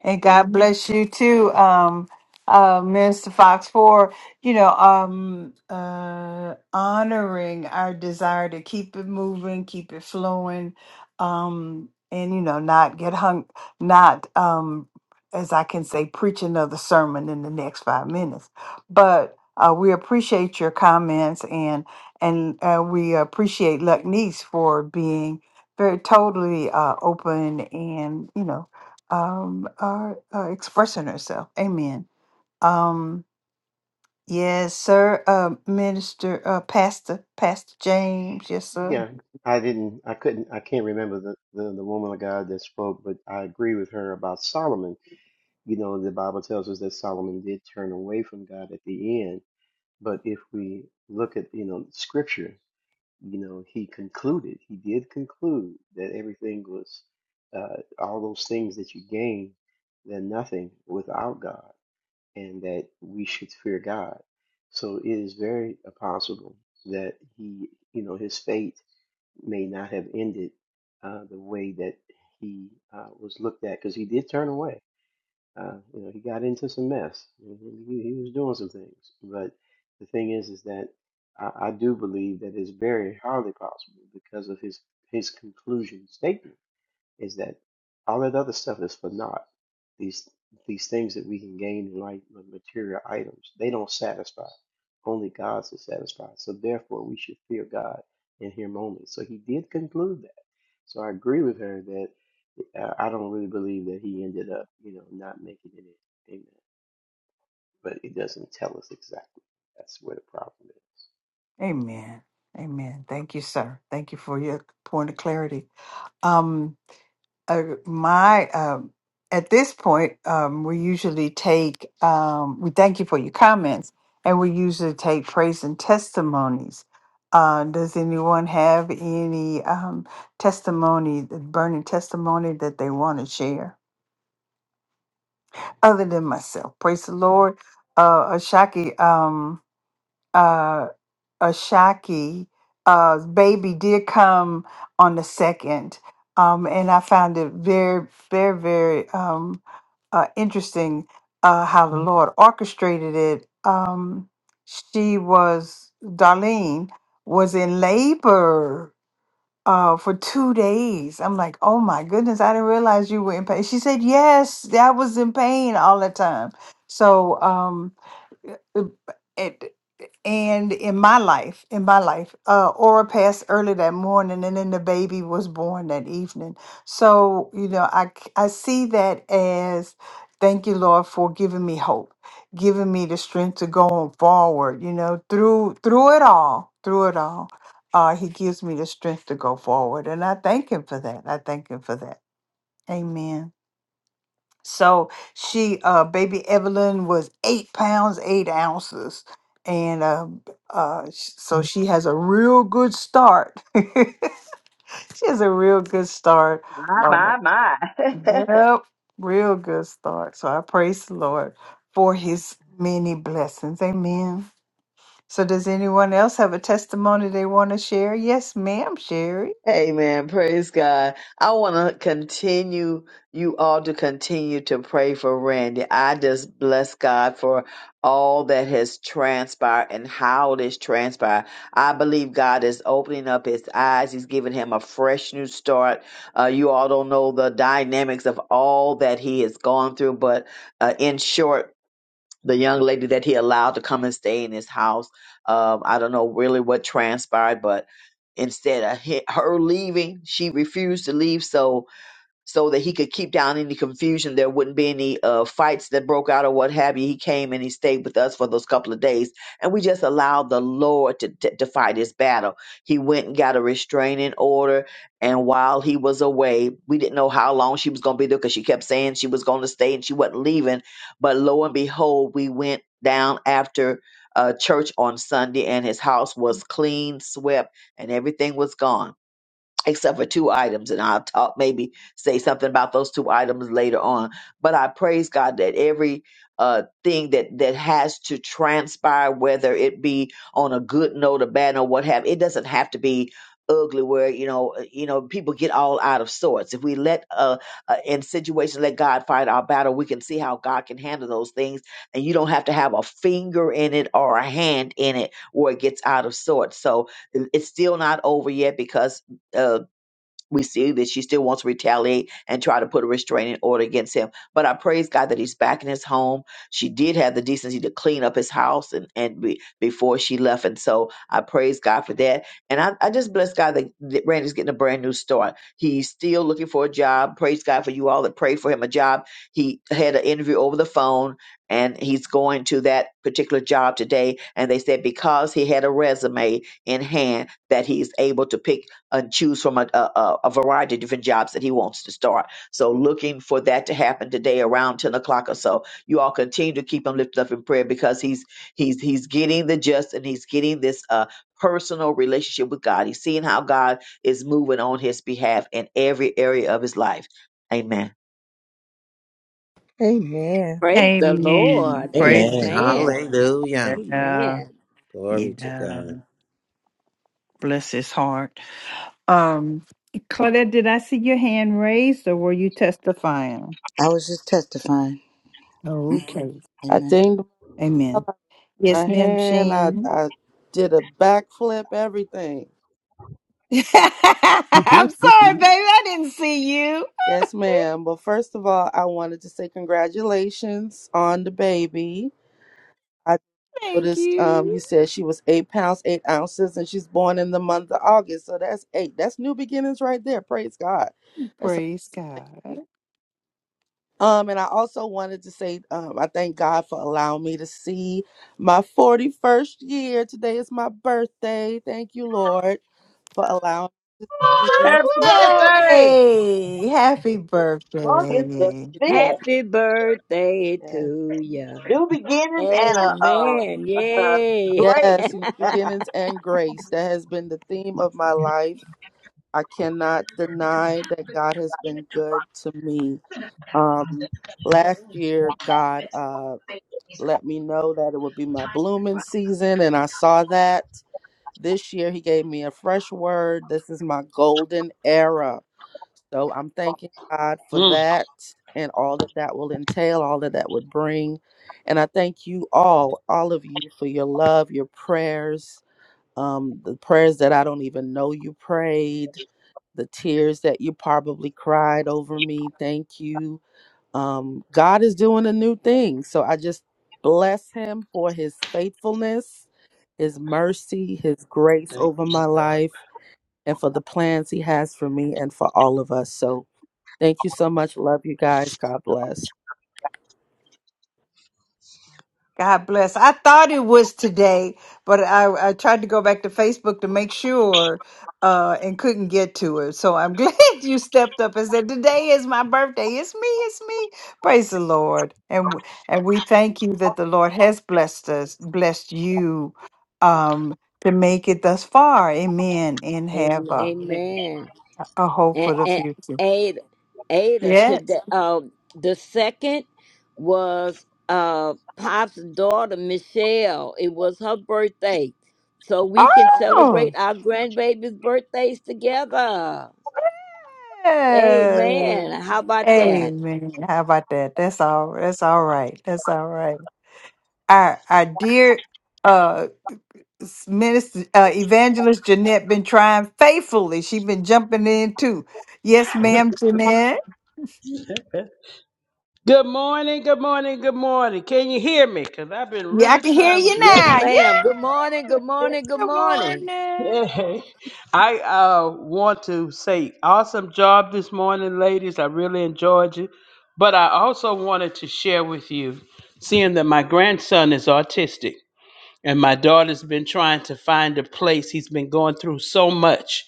And God bless you too, um, uh, Minister Fox, for you know um, uh, honoring our desire to keep it moving, keep it flowing, um, and you know not get hung, not um, as I can say, preach another sermon in the next five minutes. But uh, we appreciate your comments and and uh, we appreciate Luckneese for being very totally uh, open and you know um, are uh, expressing herself. Amen. Um, yes, sir. Uh, Minister, uh, Pastor, Pastor James. Yes, sir. Yeah, I didn't, I couldn't, I can't remember the, the the woman of God that spoke, but I agree with her about Solomon. You know, the Bible tells us that Solomon did turn away from God at the end But if we look at, you know, scripture, you know, he concluded, he did conclude that everything was, uh, all those things that you gain, they're nothing without God, and that we should fear God. So it is very possible that he, you know, his fate may not have ended uh, the way that he uh, was looked at, because he did turn away uh, you know, he got into some mess. You know, He, he was doing some things, but the thing is, is that I, I do believe that it's very hardly possible because of his his conclusion statement is that all that other stuff is for naught. These these things that we can gain in life with material items, they don't satisfy. Only God's is satisfied. So therefore we should fear God in him only. So he did conclude that. So I agree with her that uh, I don't really believe that he ended up, you know, not making it in. Amen. But it doesn't tell us exactly. That's where the problem is. Amen. Amen. Thank you, sir. Thank you for your point of clarity. Um, uh, my um, at this point um, we usually take um, we thank you for your comments and we usually take praise and testimonies uh, does anyone have any um, testimony burning testimony that they want to share other than myself praise the lord uh, ashaki um, uh, Ashaki, uh, baby did come on the second, um, and I found it very, very, very um, uh, interesting uh, how the Mhm. Lord orchestrated it. Um, she was Darlene was in labor uh, for two days. I'm like, oh my goodness, I didn't realize you were in pain. She said, yes, I was in pain all the time. So. Um, uh, and and in my life, in my life, uh, Aura passed early that morning, and then the baby was born that evening. So you know, I c- I see that as thank you, Lord, for giving me hope, giving me the strength to go on forward. You know, through through it all, through it all, uh, He gives me the strength to go forward, and I thank Him for that. I thank Him for that. Amen. So she, uh, baby Evelyn was eight pounds, eight ounces. And uh, uh, sh- so she has a real good start. she has a real good start. Um, My, my, my. yep, real good start. So I praise the Lord for his many blessings. Amen. So does anyone else have a testimony they want to share? Yes, ma'am, Sherry. Amen. Praise God. I want to continue, you all to continue to pray for Randy. I just bless God for all that has transpired and how it has transpired. I believe God is opening up his eyes. He's giving him a fresh new start. Uh, you all don't know the dynamics of all that he has gone through, but uh, in short, the young lady that he allowed to come and stay in his house. Um, I don't know really what transpired, but instead of he- her leaving, she refused to leave. So so that he could keep down any confusion. There wouldn't be any uh, fights that broke out or what have you. He came and he stayed with us for those couple of days, and we just allowed the Lord to, to, to fight his battle. He went and got a restraining order, and while he was away, we didn't know how long she was going to be there because she kept saying she was going to stay and she wasn't leaving. But lo and behold, we went down after. Uh, church on Sunday, and his house was clean, swept, and everything was gone except for two items and i'll talk maybe say something about those two items later on but i praise god that every uh thing that that has to transpire whether it be on a good note a bad note what have it doesn't have to be ugly where you know uh, you know people get all out of sorts if we let uh, uh in situations let god fight our battle we can see how god can handle those things and you don't have to have a finger in it or a hand in it where it gets out of sorts so it- it's still not over yet because uh, we see that she still wants to retaliate and try to put a restraining order against him. But I praise God that he's back in his home. She did have the decency to clean up his house and, and be, before she left. And so I praise God for that. And I, I just bless God that, that Randy's getting a brand new start. He's still looking for a job. Praise God for you all that prayed for him a job. He had an interview over the phone and he's going to that particular job today. And they said because he had a resume in hand that he's able to pick and choose from a, a, a variety of different jobs that he wants to start. So looking for that to happen today around 10 o'clock or so. You all continue to keep him lifted up in prayer because he's he's he's getting the just and he's getting this uh personal relationship with God. He's seeing how God is moving on his behalf in every area of his life. Amen. Amen. Praise the Amen. Lord. Praise Amen. the Lord. Amen. Hallelujah. Yeah. Amen. Glory to Yeah. God. Bless his heart. Um, Claudette, did I see your hand raised or were you testifying? I was just testifying. Mhm. Okay. I Amen. dinged Amen. my Yes, ma'am, hand. I, Shan. I did a backflip, everything. I'm sorry, ringing. baby. I didn't see you. Yes, ma'am. But first of all, I wanted to say congratulations on the baby. I Thank noticed um, you. you said she was eight pounds, eight ounces, and she's born in the month of August. So that's eight. That's new beginnings right there. Praise God. That's. Praise God. Um, and I also wanted to say, um, I thank God for allowing me to see my 41st year. Today is my birthday. Thank you, Lord, for allowing me. Happy birthday! Birthday! Happy Thank The birthday. you, thank fifth, you. Happy birthday Yes, to you. do Amen. uh, Yay. six. Yes, new beginnings and grace. That has been the theme of my life. I cannot deny that God has been good to me. Um, last year, God uh, let me know that it would be my blooming season, and I saw that. This year, he gave me a fresh word. This is my golden era. So I'm thanking God for that and all that that will entail, all that that would bring. And I thank you all, all of you, for your love, your prayers, um, the prayers that I don't even know you prayed, the tears that you probably cried over me. Thank you um, God is doing a new thing. So I just bless him for his faithfulness, his mercy, his grace over my life, and for the plans he has for me and for all of us. So thank you so much. Love you guys. God bless. God bless. I thought it was today, but I, I tried to go back to Facebook to make sure uh, and couldn't get to it. So I'm glad you stepped up and said, "Today is my birthday. It's me. It's me." Praise the Lord, and w- and we thank you that the Lord has blessed us, blessed you, um, to make it thus far. Amen, and Am- have a, Amen. a hope for and, the and future. Ada, Ada Yes. today. Um, the second was uh Pop's daughter Michelle. It was her birthday, so we can Oh. celebrate our grandbaby's birthdays together. Yes. Amen. How about that? Amen. How about that? That's all. That's all right. That's all right. Our our dear uh minister uh, evangelist Jeanette been trying faithfully. She been jumping in too. Yes, ma'am, Jeanette. Mm. Good morning, good morning, good morning. Can you hear me? Because I've been Yeah, I really can hear trying you to. Yes, now. ma'am. Yeah. Good morning. Good morning. Good Good morning. morning. Yeah. I uh, want to say awesome job this morning, ladies. I really enjoyed you. But I also wanted to share with you, seeing that my grandson is autistic. and my daughter's been trying to find a place. He's been going through so much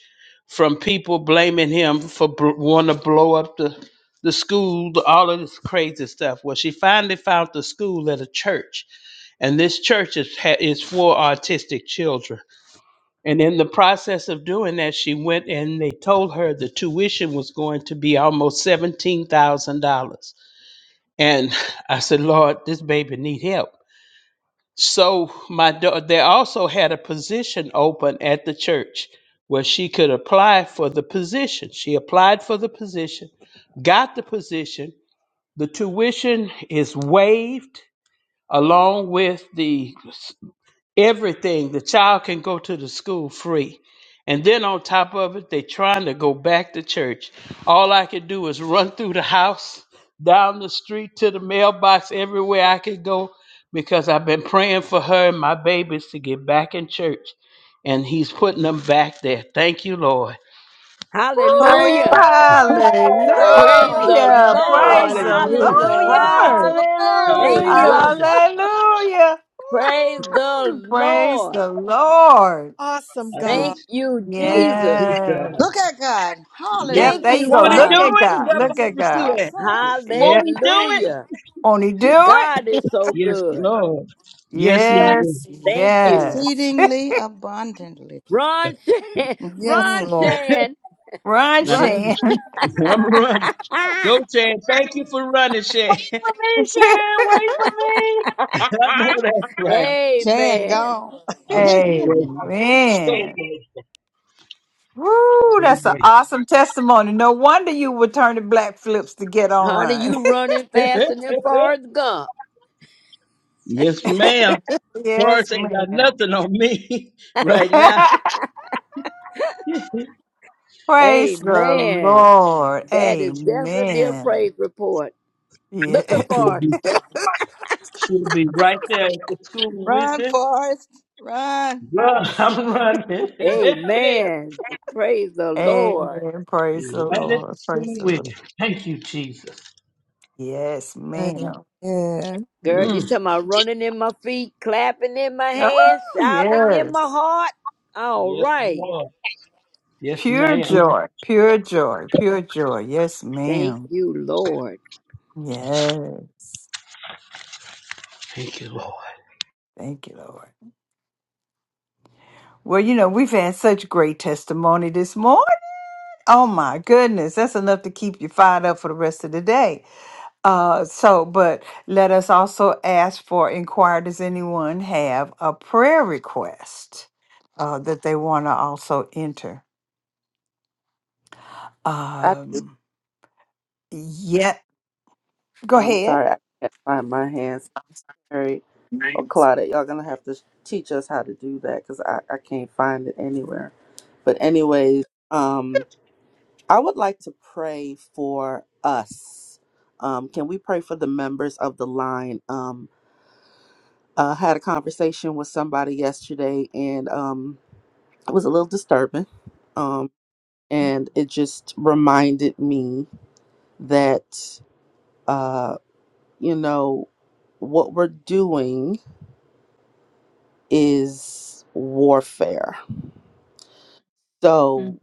from people blaming him for bl- wanting to blow up the, the school, the- all of this crazy stuff. Well, she finally found the school at a church, and this church is, ha- is for autistic children. And in the process of doing that, she went and they told her the tuition was going to be almost $17,000. And I said, Lord, this baby need help so my daughter, they also had a position open at the church where she could apply for the position. She applied for the position, got the position. The tuition is waived along with the everything the child can go to the school free and then on top of it they trying to go back to church all i could do is run through the house down the street to the mailbox everywhere i could go because i've been praying for her and my babies to get back in church and he's putting them back there thank you lord glory, Woo, Praise Hallelujah. Praise God. the hallelujah. glory, Thank Lord. Praise the you, hallelujah Lord. Hallelujah. Lord. Thank Glory. hallelujah. you. hallelujah Hallelujah. Praise the Woo, praise Lord. the Lord. Awesome i said God. Thank you, God. look at Jesus. you Yes. god Look at God. yes Yep. Thank Hallelujah. There you Yes, you, go. won't he do Look Thank Lord. Father. you, at it God. what Look Jesus. at Barbara Sue God. asked. Awesome. won't Yep. he do it Hallelujah. Only do it. God is so Yes, good. Lord. Yes, he is. Yes. Thank you. Yes. Exceedingly abundantly. Ron Shan. Yes, Ron Mhm. Lord. Shan. Run, Run. I'm, Shan. I'm running. Go, Chad. Thank you for running, Chad. for me, Sharon. Wait for I me. know that's right. Jan, Amen. go. I'm so grateful. So Amen. Woo, that's an grateful. awesome testimony. No wonder you were turning black flips to get Honey, online. you running So faster grateful. than Forrest Gump. yes, ma'am. yes, Forrest ain't got ma'am. nothing on me right now. Praise the Amen. Lord. That is definitely a Amen. praise report. Looking Yeah. She'll for. be, she'll be right there at the school with Run, him. Forrest. Run. Run, I'm running. it. Amen. Praise the Lord. Amen. Praise the right at Lord. the Praise school the with Lord. him. Thank you, Jesus. Yes, Amen. ma'am. Girl, you Mm. Yes. talking about running in my feet, clapping in my hands, Oh, shouting in my yes. heart? All Yes, right. Lord. Yes, Pure ma'am. joy, pure joy, pure joy. Yes, Thank ma'am. you, Lord. Yes. Thank you, Lord. Thank you, Lord. Well, you know, we've had such great testimony this morning. Oh, my goodness. That's enough to keep you fired up for the rest of the day. Uh, so, but let us also ask for inquire does anyone have a prayer request uh, that they want to also enter? I, Um, yeah, go I'm ahead. sorry, I can't find my hands carried. Oh, Claudia, y'all gonna have to teach us how to do that because I, I can't find it anywhere. But anyways, I would like to pray for us. Um, can we pray for the members of the line? Um, I had a conversation with somebody yesterday, and um, it was a little disturbing. Um, and it just reminded me that, uh, you know, what we're doing is warfare. So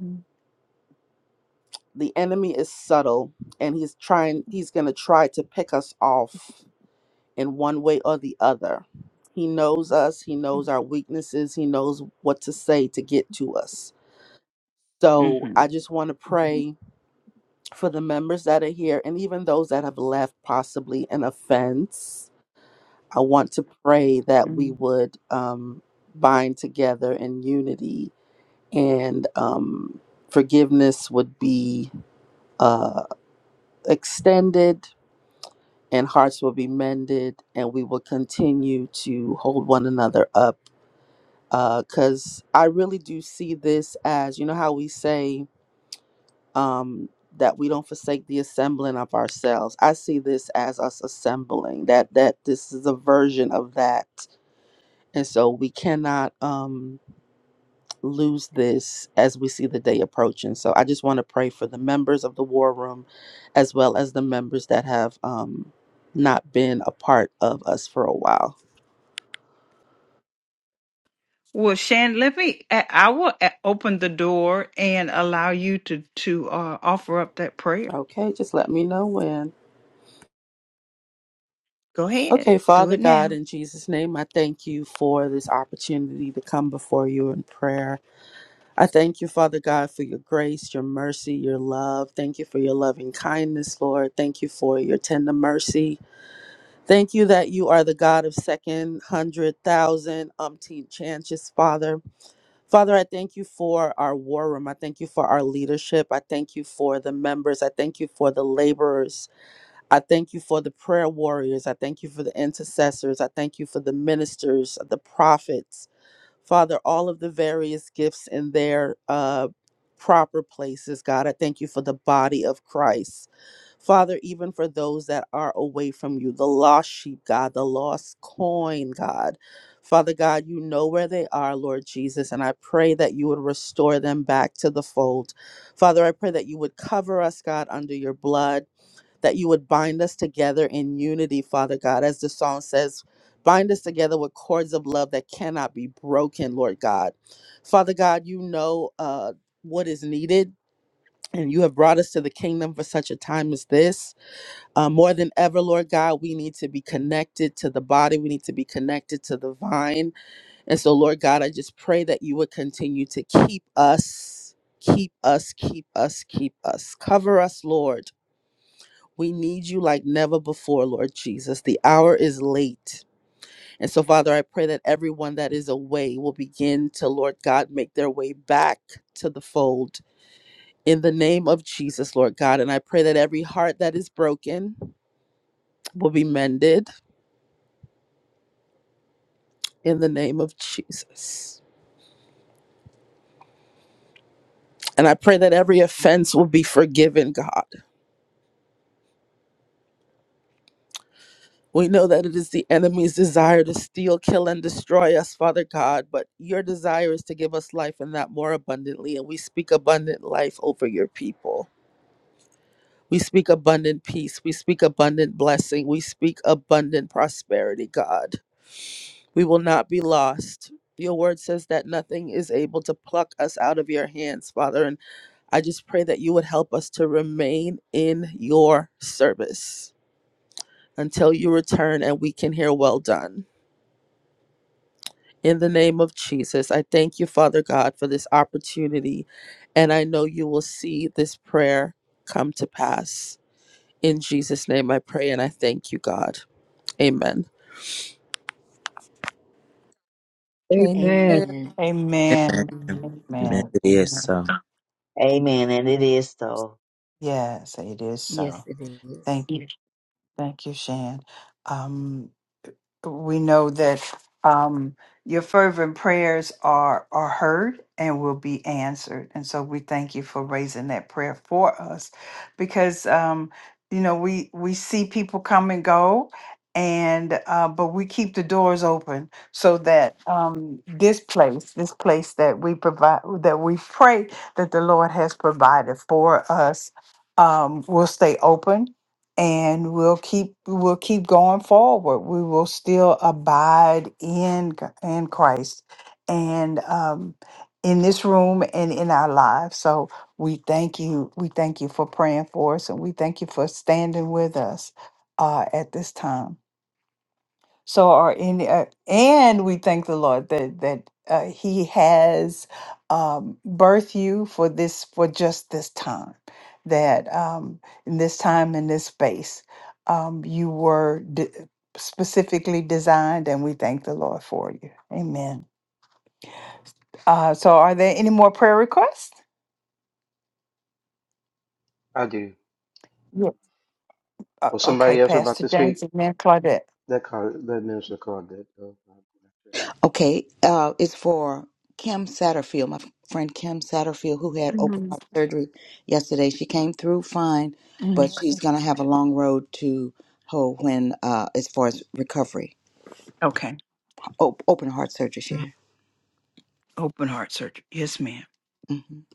the enemy is subtle, and he's trying. He's going to try to pick us off in one way or the other. He knows us, he knows our weaknesses, he knows what to say to get to us. So Mm-hmm. I just want to pray for the members that are here and even those that have left possibly an offense. I want to pray that we hmm would um, bind together in unity and um, forgiveness would be uh, extended and hearts will be mended and we will continue to hold one another up because I really do see this as you know how we say um, that we don't forsake the assembling of ourselves. I see this as us assembling that that this is a version of that, and so we cannot um, lose this as we see the day approaching. So I just want to pray for the members of the war room, as well as the members that have um, not been a part of us for a while. Well, Shan, let me. I I will uh, open the door and allow you to to uh, offer up that prayer. Okay, just let me know when. Go ahead, Okay, do Father it God, now. in Jesus' name, I thank you for this opportunity to come before you in prayer. I thank you, Father God, for your grace, your mercy, your love. Thank you for your loving kindness, Lord. Thank you for your tender mercy. Thank you that you are the God of second, hundred, thousand, umpteen chances, Father. Father, I thank you for our war room. I thank you for our leadership. I thank you for the members. I thank you for the laborers. I thank you for the prayer warriors. I thank you for the intercessors. I thank you for the ministers, the prophets. Father, all of the various gifts in their uh, proper places, God. I thank you for the body of Christ. Father, even for those that are away from you, the lost sheep, God, the lost coin, God. Father God, you know where they are, Lord Jesus, and I pray that you would restore them back to the fold. Father, I pray that you would cover us, God, under your blood that you would bind us together in unity, Father God. As the song says, bind us together with cords of love that cannot be broken, Lord God. Father God, you know uh, what is needed. And you have brought us to the kingdom for such a time as this. Uh, more than ever, Lord God, we need to be connected to the body. We need to be connected to the vine. And so, Lord God, I just pray that you would continue to keep us, keep us, keep us, keep us. Cover us, Lord we need you like never before, Lord Jesus. The hour is late. And so, Father, I pray that everyone that is away will begin to, Lord God, make their way back to the fold in the name of Jesus, Lord God. And I pray that every heart that is broken will be mended in the name of Jesus. And I pray that every offense will be forgiven, God. We know that it is the enemy's desire to steal, kill, and destroy us, Father God, but your desire is to give us life and that more abundantly. And we speak abundant life over your people. We speak abundant peace. We speak abundant blessing. We speak abundant prosperity, God. We will not be lost. Your word says that nothing is able to pluck us out of your hands, Father. And I just pray that you would help us to remain in your service until you return and we can hear well done. In the name of Jesus, I thank you, Father God, for this opportunity. And I know you will see this prayer come to pass. In Jesus' name, I pray and I thank you, God. Amen. Amen. Amen. Amen. Amen. Mhm. Amen. Amen. It is Amen. so. Amen. And it is so. Yes, it is Yes, so. it is. Thank you. Yes. Thank you, Shan. we know that um, your fervent prayers are are heard and will be answered. And so we thank you for raising that prayer for us, because um, you know we we see people come and go, and uh, but we keep the doors open so that um, this place, this place that we provide, that we pray that the Lord has provided for us, um, will stay open and we'll keep we'll keep going forward. We will still abide in G- in Christ and um, in this room and in our lives. So we thank you. We thank you for praying for us, and we thank you for standing with us uh, at this time. So our in uh, and we thank the Lord that that uh, He has um, birthed you for this for just this time, that um, in this time in this space um, you were de- specifically designed, and we thank the Lord for you. Amen. Uh, so, are there any more prayer requests? I do. Yep. Uh, Well okay, somebody else about Pastor to James speak? and then Claudette. That card, that minister card that. Uh, Okay, uh, it's for Kim Satterfield, my friend Kim Satterfield, who had open Mhm. heart surgery yesterday. She came through fine, Mm. but she's going to have a long road to hoe when, uh, as far as recovery, Okay. Op- open heart surgery. She had. Open heart surgery. Yes, ma'am. hmm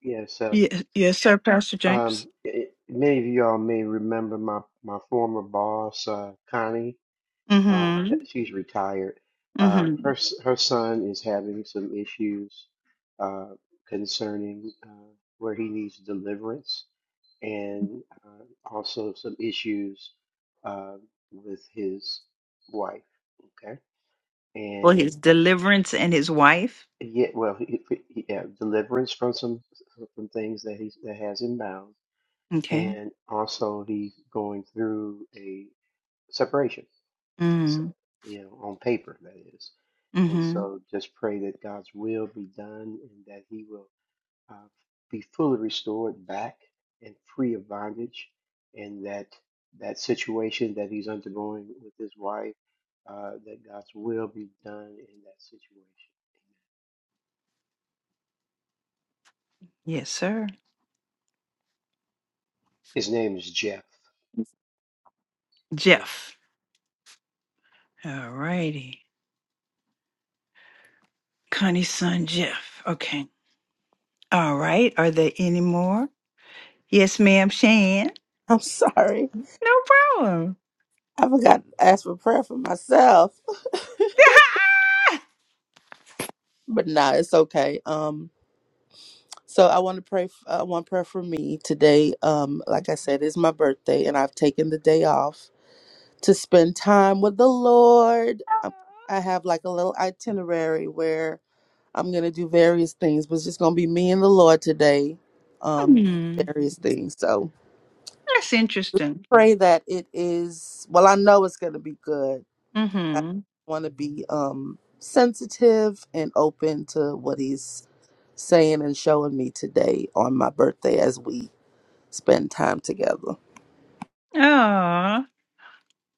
yeah, so Yes, yes, sir, Pastor James. um, it, many of y'all may remember my my former boss, uh, Connie. Uh, Mm-hmm. that she's retired. Um, Mm-hmm. her s- her son is having some issues uh, concerning uh, where he needs deliverance, and uh, also some issues uh, with his wife. Okay, Well, his deliverance and his wife. Yeah, well, he, he, he- yeah, deliverance from some from things that he's that has him bound, Okay. and also he's going through a separation. So, Mm. you know, on paper that is, and Mm-hmm. so just pray that God's will be done and that he will uh, be fully restored back and free of bondage, and that that situation that he's undergoing with his wife, uh, that God's will be done in that situation. Yes, sir. His name is Jeff. Jeff. All righty. Connie's son, Jeff. Okay. All right. Are there any more? Yes, ma'am, Shan. I'm sorry. No problem. I forgot to ask for prayer for myself. But nah, it's okay. Um, so I want to pray. F- uh, one prayer for me today. Um, like I said, is my birthday, and I've taken the day off. to spend time with the Lord. Um, I have like a little itinerary where I'm going to do various things, but it's just going to be me and the Lord today, um, Mm, various things. So that's interesting. pray that it is, well, I know it's going to be good. I Mm-hmm. want to be um, sensitive and open to what He's saying and showing me today on my birthday as we spend time together. Oh,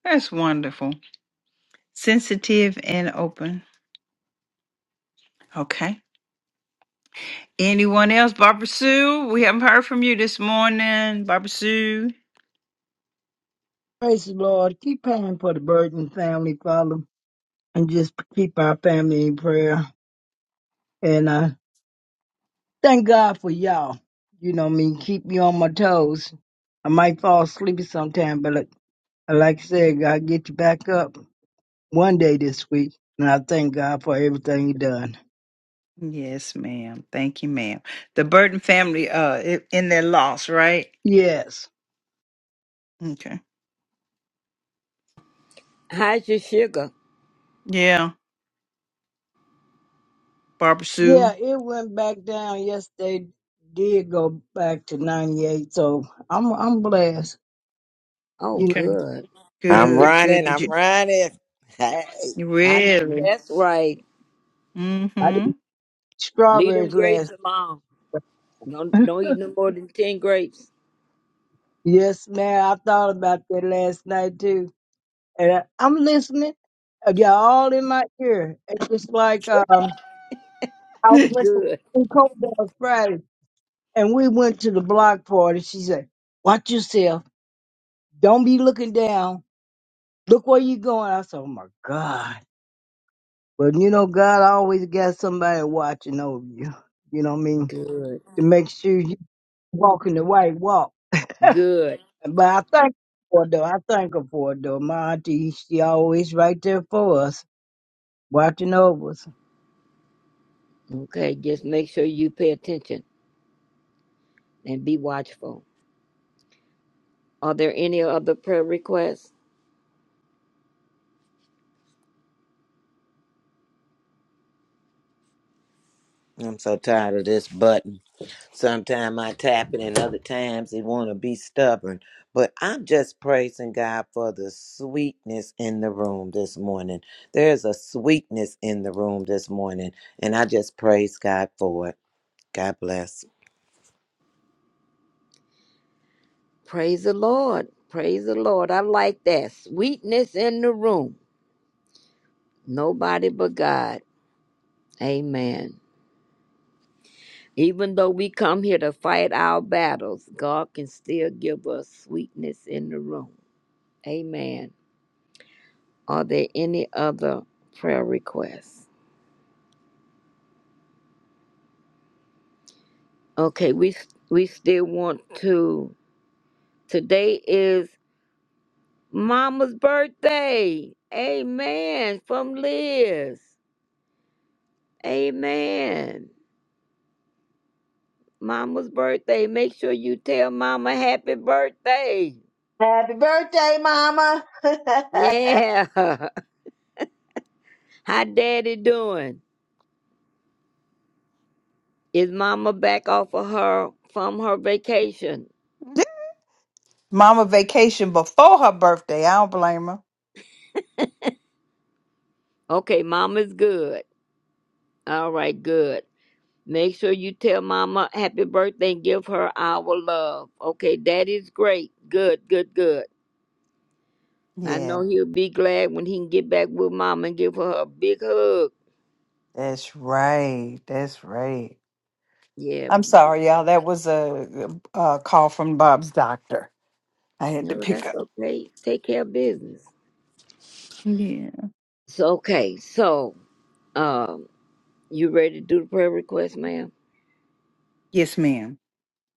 that's wonderful. Sensitive and open. Okay. Anyone else? Barbara Sue, we haven't heard from you this morning. Barbara Sue. Praise the Lord. Keep praying for the Burton family, Father, and just keep our family in prayer. And uh, thank God for y'all. You know me, keep me on my toes. I might fall asleep sometime, but like, like I said, God get you back up one day this week. And I thank God for everything you done. Yes, ma'am. Thank you, ma'am. The Burton family, uh, i- in their loss, right? Yes. Okay. How's your sugar? Yeah, Barbara Sue. Yeah, it went back down yesterday. Did go back to ninety eight, so I'm I'm blessed. Oh, You Okay. good. know, I'm Good, good. running. Did I'm you running. Hey, you I know really? that's right. I Mm-hmm. did Leave them strawberries grapes last. alone. Don't don't eat no more than ten grapes. Yes, ma'am. I thought about that last night too, and I, I'm listening. Uh, Y'all all in my ear. It's just like um, I was with to Good, in Cobell's Friday, and we went to the block party. She said, "Watch yourself. Don't be looking down. Look where you going." I said, "Oh my God!" But you know, God always got somebody watching over you. You know what I mean? good, To make sure you walking the right walk. good. But I thank her for it, though. I thank her for it, though. My auntie, she always right there for us, watching over us. Okay, just make sure you pay attention and be watchful. Are there any other prayer requests? I'm so tired of this button. Sometimes I tap it, and other times it want to be stubborn. But I'm just praising God for the sweetness in the room this morning. There's a sweetness in the room this morning, and I just praise God for it. God bless. Praise the Lord. Praise the Lord. I like that. Sweetness in the room. Nobody but God. Amen. Even though we come here to fight our battles, God can still give us sweetness in the room. Amen. Are there any other prayer requests? Okay, we we still want to. Today is Mama's birthday. Amen. From Liz. Amen. Mama's birthday. Make sure you tell Mama happy birthday. Happy birthday, Mama. Yeah. How Daddy doing? Is Mama back off of her from her vacation? Mama vacation before her birthday. I don't blame her. Okay, Mama's good. All right, good. Make sure you tell Mama happy birthday and give her our love. Okay, Daddy's great. Good, good, good. I Yeah, know he'll be glad when he can get back with Mama and give her a big hug. that's right. That's right. Yeah, I'm sorry, y'all. That was a, a call from Bob's doctor. I had to no, pick that's up. okay. Take care of business. Yeah. So okay, so Um, you ready to do the prayer request, ma'am? Yes, ma'am.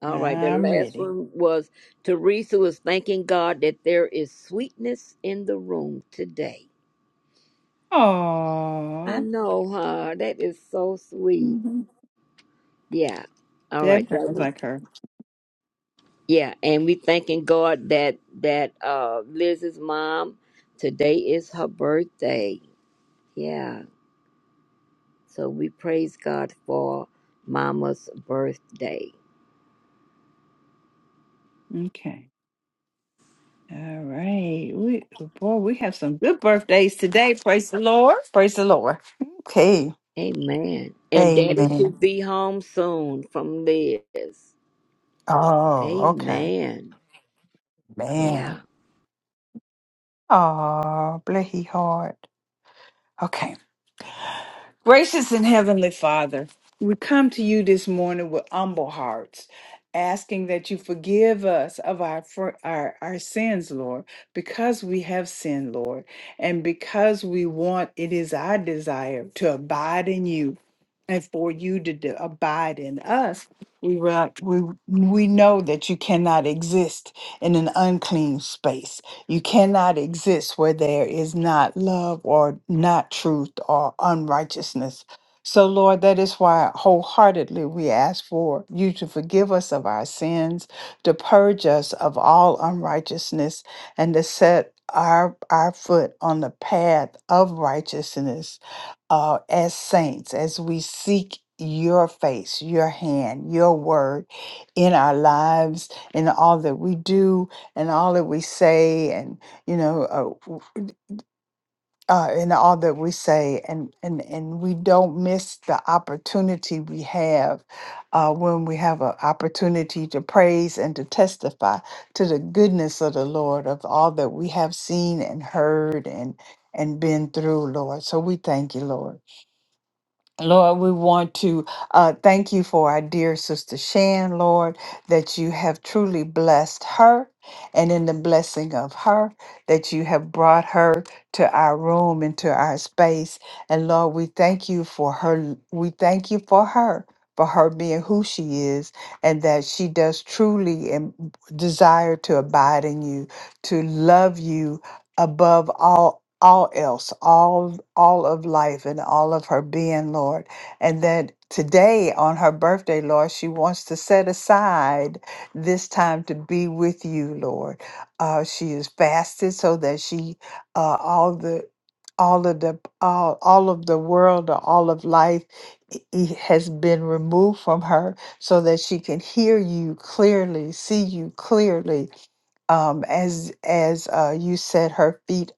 All right. The I'm last ready. one was Teresa was thanking God that there is sweetness in the room today. Oh. I know, huh? That is so sweet. hmm Yeah. All That right. That sounds was like her. yeah. And we thanking God that that uh Liz's mom today is her birthday. Yeah. So we praise God for Mama's birthday. Okay. All right. We oh, boy, we have some good birthdays today. Praise the Lord. Praise the Lord. Okay. Amen. And daddy Amen. should be home soon from this. Oh, okay. Amen. Man. Yeah. Oh, bless he heart. Okay. Gracious and Heavenly Father, we come to you this morning with humble hearts, asking that you forgive us of our, fir- our, our sins, Lord, because we have sinned, Lord, and because we want, it is our desire to abide in you and for you to do, abide in us, we re- we we know that you cannot exist in an unclean space. You cannot exist where there is not love or not truth or unrighteousness. So, Lord, that is why wholeheartedly we ask for you to forgive us of our sins, to purge us of all unrighteousness, and to set our, our foot on the path of righteousness uh, as saints, as we seek your face, your hand, your word in our lives, in all that we do, and all that we say, and you know, uh, uh, in all that we say, and and and we don't miss the opportunity we have uh, when we have an opportunity to praise and to testify to the goodness of the Lord of all that we have seen and heard and and been through, Lord. So we thank you, Lord. Lord, we want to uh, thank you for our dear sister Shan, Lord, that you have truly blessed her. And in the blessing of her, that you have brought her to our room and to our space. And Lord, we thank you for her. We thank you for her, for her being who she is, and that she does truly and desire to abide in you, to love you above all all else, all all of life and all of her being, Lord. And that today on her birthday, Lord, she wants to set aside this time to be with you, Lord. Uh, she is fasted so that she uh, all the all of the all, all of the world or all of life i- i- has been removed from her so that she can hear you clearly see you clearly um, as as uh, you set her feet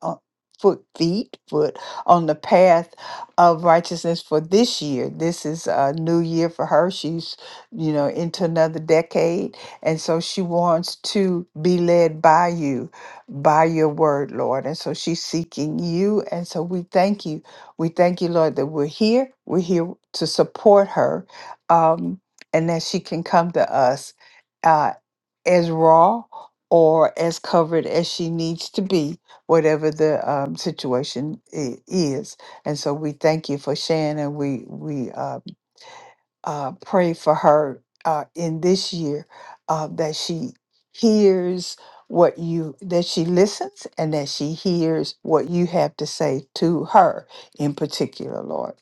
foot feet foot on the path of righteousness for this year this is a new year for her she's you know into another decade and so she wants to be led by you by your word lord and so she's seeking you and so we thank you we thank you lord that we're here we're here to support her um and that she can come to us uh, as raw or as covered as she needs to be, whatever the um, situation i- is. And so we thank you for Shannon. We we uh, uh, pray for her uh, in this year uh, that she hears what you that she listens and that she hears what you have to say to her in particular, Lord.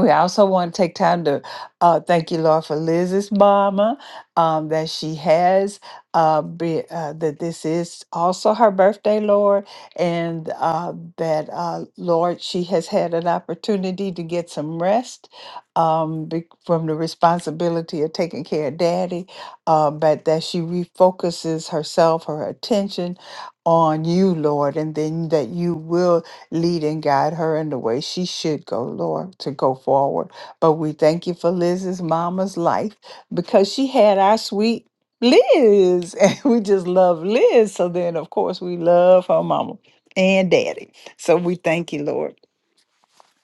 We also want to take time to uh, thank you, Lord, for Liz's mama um, that she has. Uh, be, uh, that this is also her birthday, Lord, and uh, that uh, Lord, she has had an opportunity to get some rest um, be- from the responsibility of taking care of Daddy, uh, but that she refocuses herself, her attention on you, Lord, and then that you will Lead and guide her in the way she should go, Lord, to go forward. But we thank you for Liz's mama's life because she had our sweet Liz. And we just love Liz. So then, of course, we love her mama and daddy. So we thank you, Lord.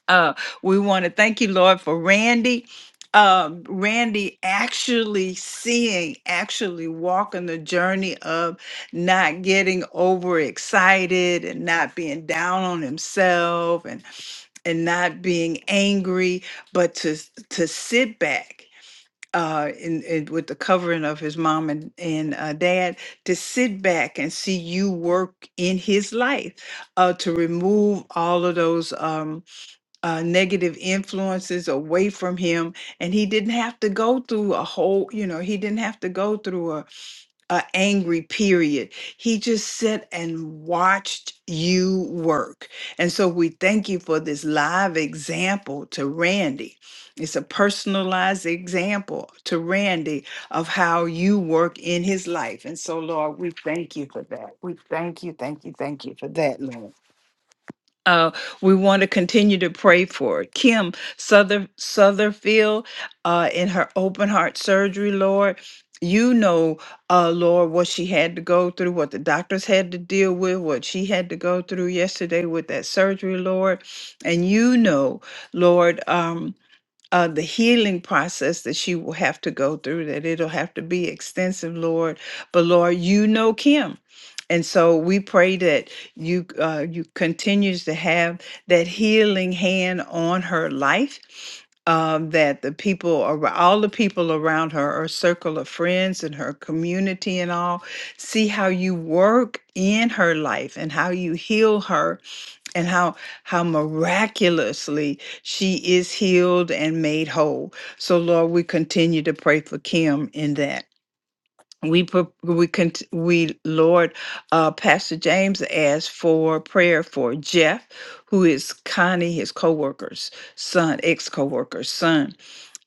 Uh, we want to thank you, Lord, for Randy. Um, Randy actually seeing, actually walking the journey of not getting overexcited and not being down on himself and and not being angry, but to s- to sit back uh, in, in with the covering of his mom and and uh, dad, to sit back and see you work in his life, uh, to remove all of those. Um, uh, negative influences away from him and he didn't have to go through a whole you know he didn't have to go through a, a angry period he just sat and watched you work and so we thank you for this live example to randy it's a personalized example to randy of how you work in his life and so lord we thank you for that we thank you thank you thank you for that lord uh, we want to continue to pray for Kim Souther Sutherfield uh, in her open heart surgery, Lord. You know, uh, Lord, what she had to go through, what the doctors had to deal with, what she had to go through yesterday with that surgery, Lord. And you know, Lord, um, uh, the healing process that she will have to go through, that it'll have to be extensive, Lord. But Lord, you know Kim. And so we pray that you uh, you continues to have that healing hand on her life, um, that the people, ar- all the people around her, her circle of friends and her community and all, see how you work in her life and how you heal her and how how miraculously she is healed and made whole. So Lord, we continue to pray for Kim in that. We pro- we cont- we Lord, uh, Pastor James asked for prayer for Jeff, who is Connie, his co-worker's son, ex-co-worker's son.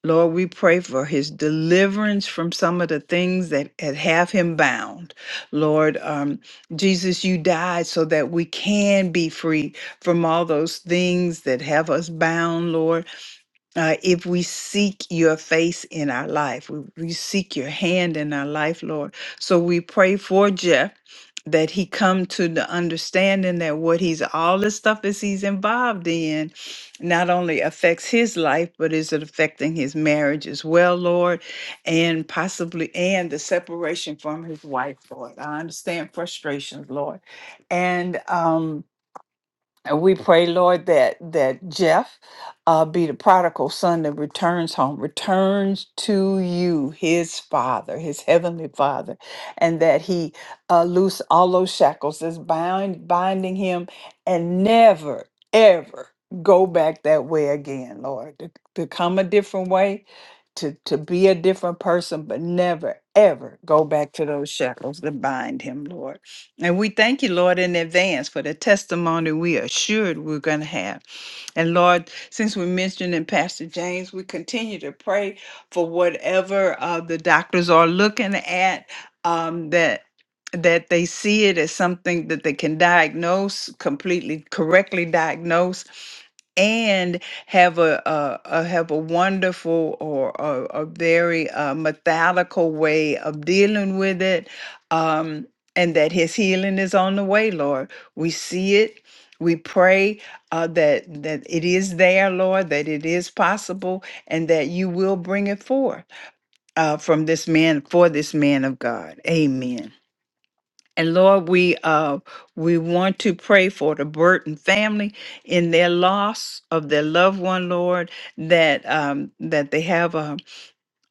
Lord, we pray for his deliverance from some of the things that had have him bound. Lord, um, Jesus, you died so that we can be free from all those things that have us bound, Lord uh, if we seek your face in our life. We, we seek your hand in our life, Lord. So we pray for Jeff that he come to the understanding that what he's all the stuff that he's involved in not only affects his life but is it affecting his marriage as well lord and possibly and the separation from his wife lord i understand frustrations lord and um and we pray, Lord, that that Jeff uh, be the prodigal son that returns home, returns to you, his father, his heavenly father, and that he uh, loose all those shackles that's bind binding him, and never ever go back that way again, Lord. To, to come a different way, to to be a different person, but never ever go back to those shackles that bind him, Lord. And we thank you, Lord, in advance for the testimony we are assured we're going to have. And Lord, since we mentioned in Pastor James, we continue to pray for whatever uh, the doctors are looking at um, that that they see it as something that they can diagnose completely correctly diagnose and have a, a, a have a wonderful or a, a very uh, methodical way of dealing with it Um, and that his healing is on the way, Lord. We see it. We pray uh, that that it is there, Lord, that it is possible, and that you will bring it forth uh, from this man for this man of God. Amen. And Lord, we uh, we want to pray for the Burton family in their loss of their loved one, Lord, that um, that they have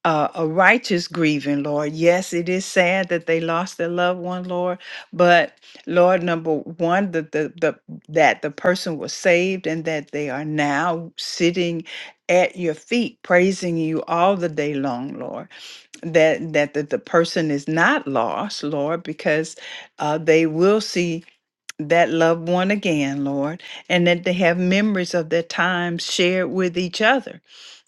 uh, a righteous grieving, Lord. Yes, it is sad that they lost their loved one, Lord. But Lord, number one, that the, the that the person was saved and that they are now sitting at your feet, praising you all the day long, Lord. That that that the person is not lost, Lord, because uh, they will see that loved one again, Lord, and that they have memories of their time shared with each other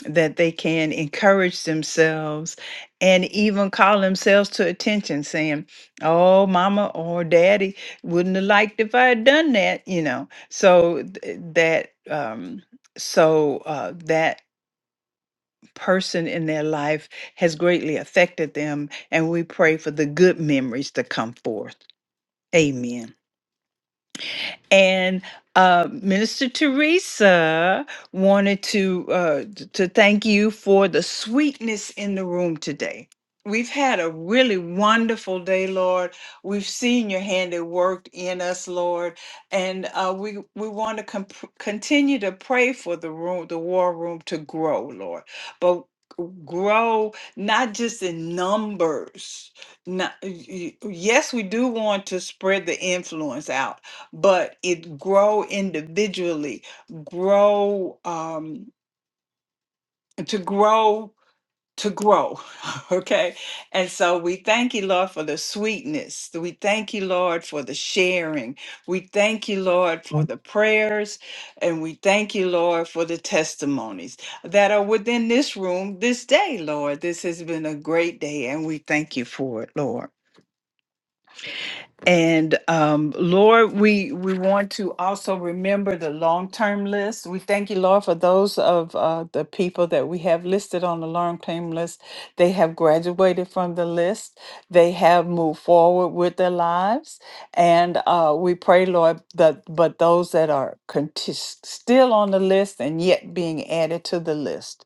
that they can encourage themselves and even call themselves to attention, saying, Oh, mama or daddy wouldn't have liked if I had done that, you know. So th- eh, that, um, so uh, that person in their life has greatly affected them, and we pray for the good memories to come forth. Amen. And uh, Minister Teresa wanted to uh, t- to thank you for the sweetness in the room today. We've had a really wonderful day, Lord. We've seen your hand at work in us, Lord, and uh, we we want to comp- continue to pray for the room, the war room, to grow, Lord. But grow not just in numbers. Not, y- y- yes, we do want to spread the influence out, but it grow individually grow um to grow to grow okay and so we thank you lord for the sweetness we thank you lord for the sharing we thank you lord for the prayers and we thank you lord for the testimonies that are within this room this day lord this has been a great day and we thank you for it lord And um, Lord, we we want to also remember the long term list. We thank you, Lord, for those of uh, the people that we have listed on the long term list. They have graduated from the list. They have moved forward with their lives, and uh, we pray, Lord, that but those that are conti- still on the list and yet being added to the list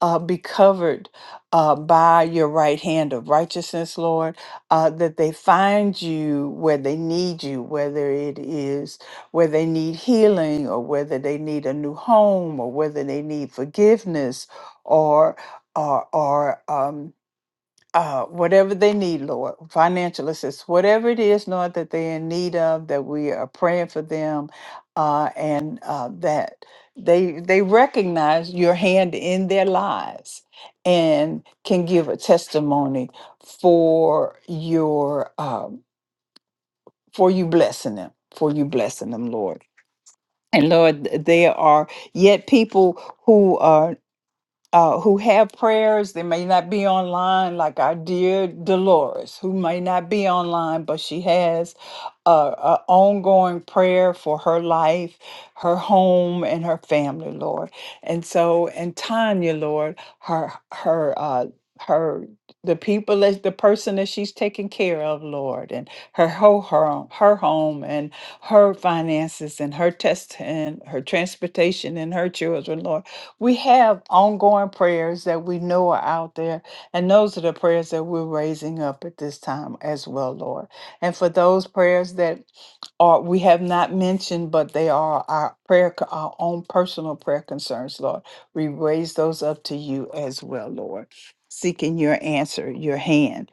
uh, be covered uh, by your right hand of righteousness, Lord, uh, that they find you where they need you, whether it is where they need healing or whether they need a new home or whether they need forgiveness or or or um, uh, whatever they need, Lord, financial assistance, whatever it is, Lord, that they're in need of, that we are praying for them, uh, and uh, that they they recognize your hand in their lives and can give a testimony for your um, for you blessing them, for you blessing them, Lord. And Lord, th- there are yet people who are uh, who have prayers. They may not be online, like our dear Dolores, who may not be online, but she has a, a ongoing prayer for her life, her home, and her family, Lord. And so, and Tanya, Lord, her her uh, her the people that the person that she's taking care of, Lord, and her whole her her home and her finances and her test and her transportation and her children, Lord we have ongoing prayers that we know are out there, and those are the prayers that we're raising up at this time as well, Lord. And for those prayers that are we have not mentioned, but they are our prayer, co- our own personal prayer concerns, Lord. We raise those up to you as well, Lord, seeking your answer, your hand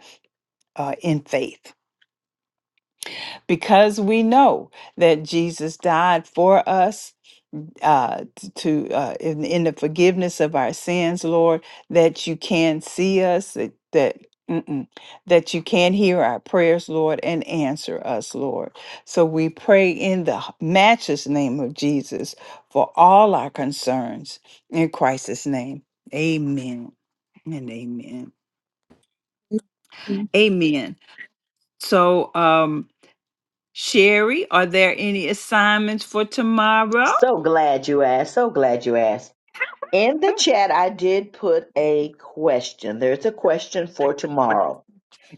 uh, in faith, because we know that Jesus died for us uh, t- to uh, in, in the forgiveness of our sins, Lord, that you can see us, that that, mm-mm, that you can hear our prayers, Lord, and answer us, Lord. So we pray in the h- matchless name of Jesus for all our concerns in Christ's name. Amen and amen. Amen. So, um, Sherry, are there any assignments for tomorrow? so glad you asked. So glad you asked. In the chat, I did put a question. There's a question for tomorrow.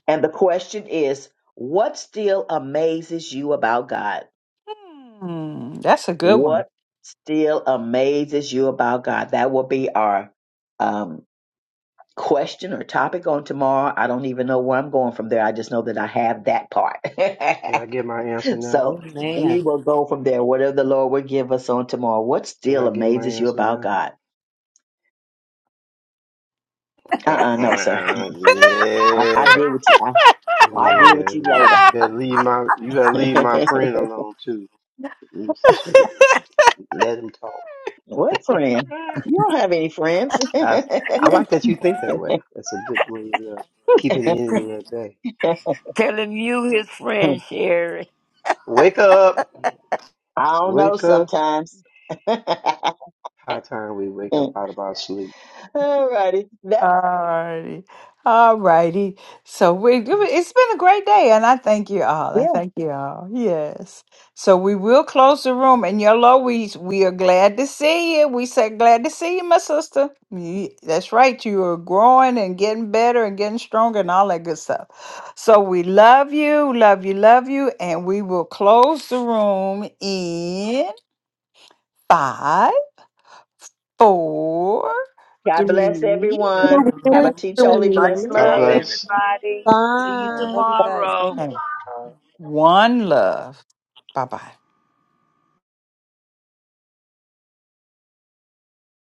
And the question is What still amazes you about God? Hmm, that's a good one. What still amazes you about God? That will be our um, question or topic on tomorrow. I don't even know where I'm going from there. I just know that I have that part. Can I get my answer now? so Amen. we will go from there. Whatever the Lord will give us on tomorrow. What Can still I get my amazes you answer about now? God? Uh uh no, sir. I, I yeah. deal with you. I, I deal Yeah. with you later. Better leave my you gotta leave my friend alone too. Let him talk. what friend? You don't have any friends. I, I like that you think that way. That's a good way of uh, keeping the enemy at bay. Telling you his friend, Sherry. Wake up. I don't know Wake up. sometimes. High time we wake up All out of our sleep. righty. That's Alrighty. alrighty. So we it's been a great day and I thank you all. I it thank you all. Yes. So we will close the room and Yolo, we we are glad to see you. We said glad to see you, my sister. Ye- That's right. You are growing and getting better and getting stronger and all that good stuff. So we love you, love you, love you, and we will close the room in five, four, God bless three, everyone. Have Carry a Um, everyone. teetotally Much blessed two, God love, day. bless. everybody. See you Bye. Love you guys. Thank tomorrow. and One love. Bye bye.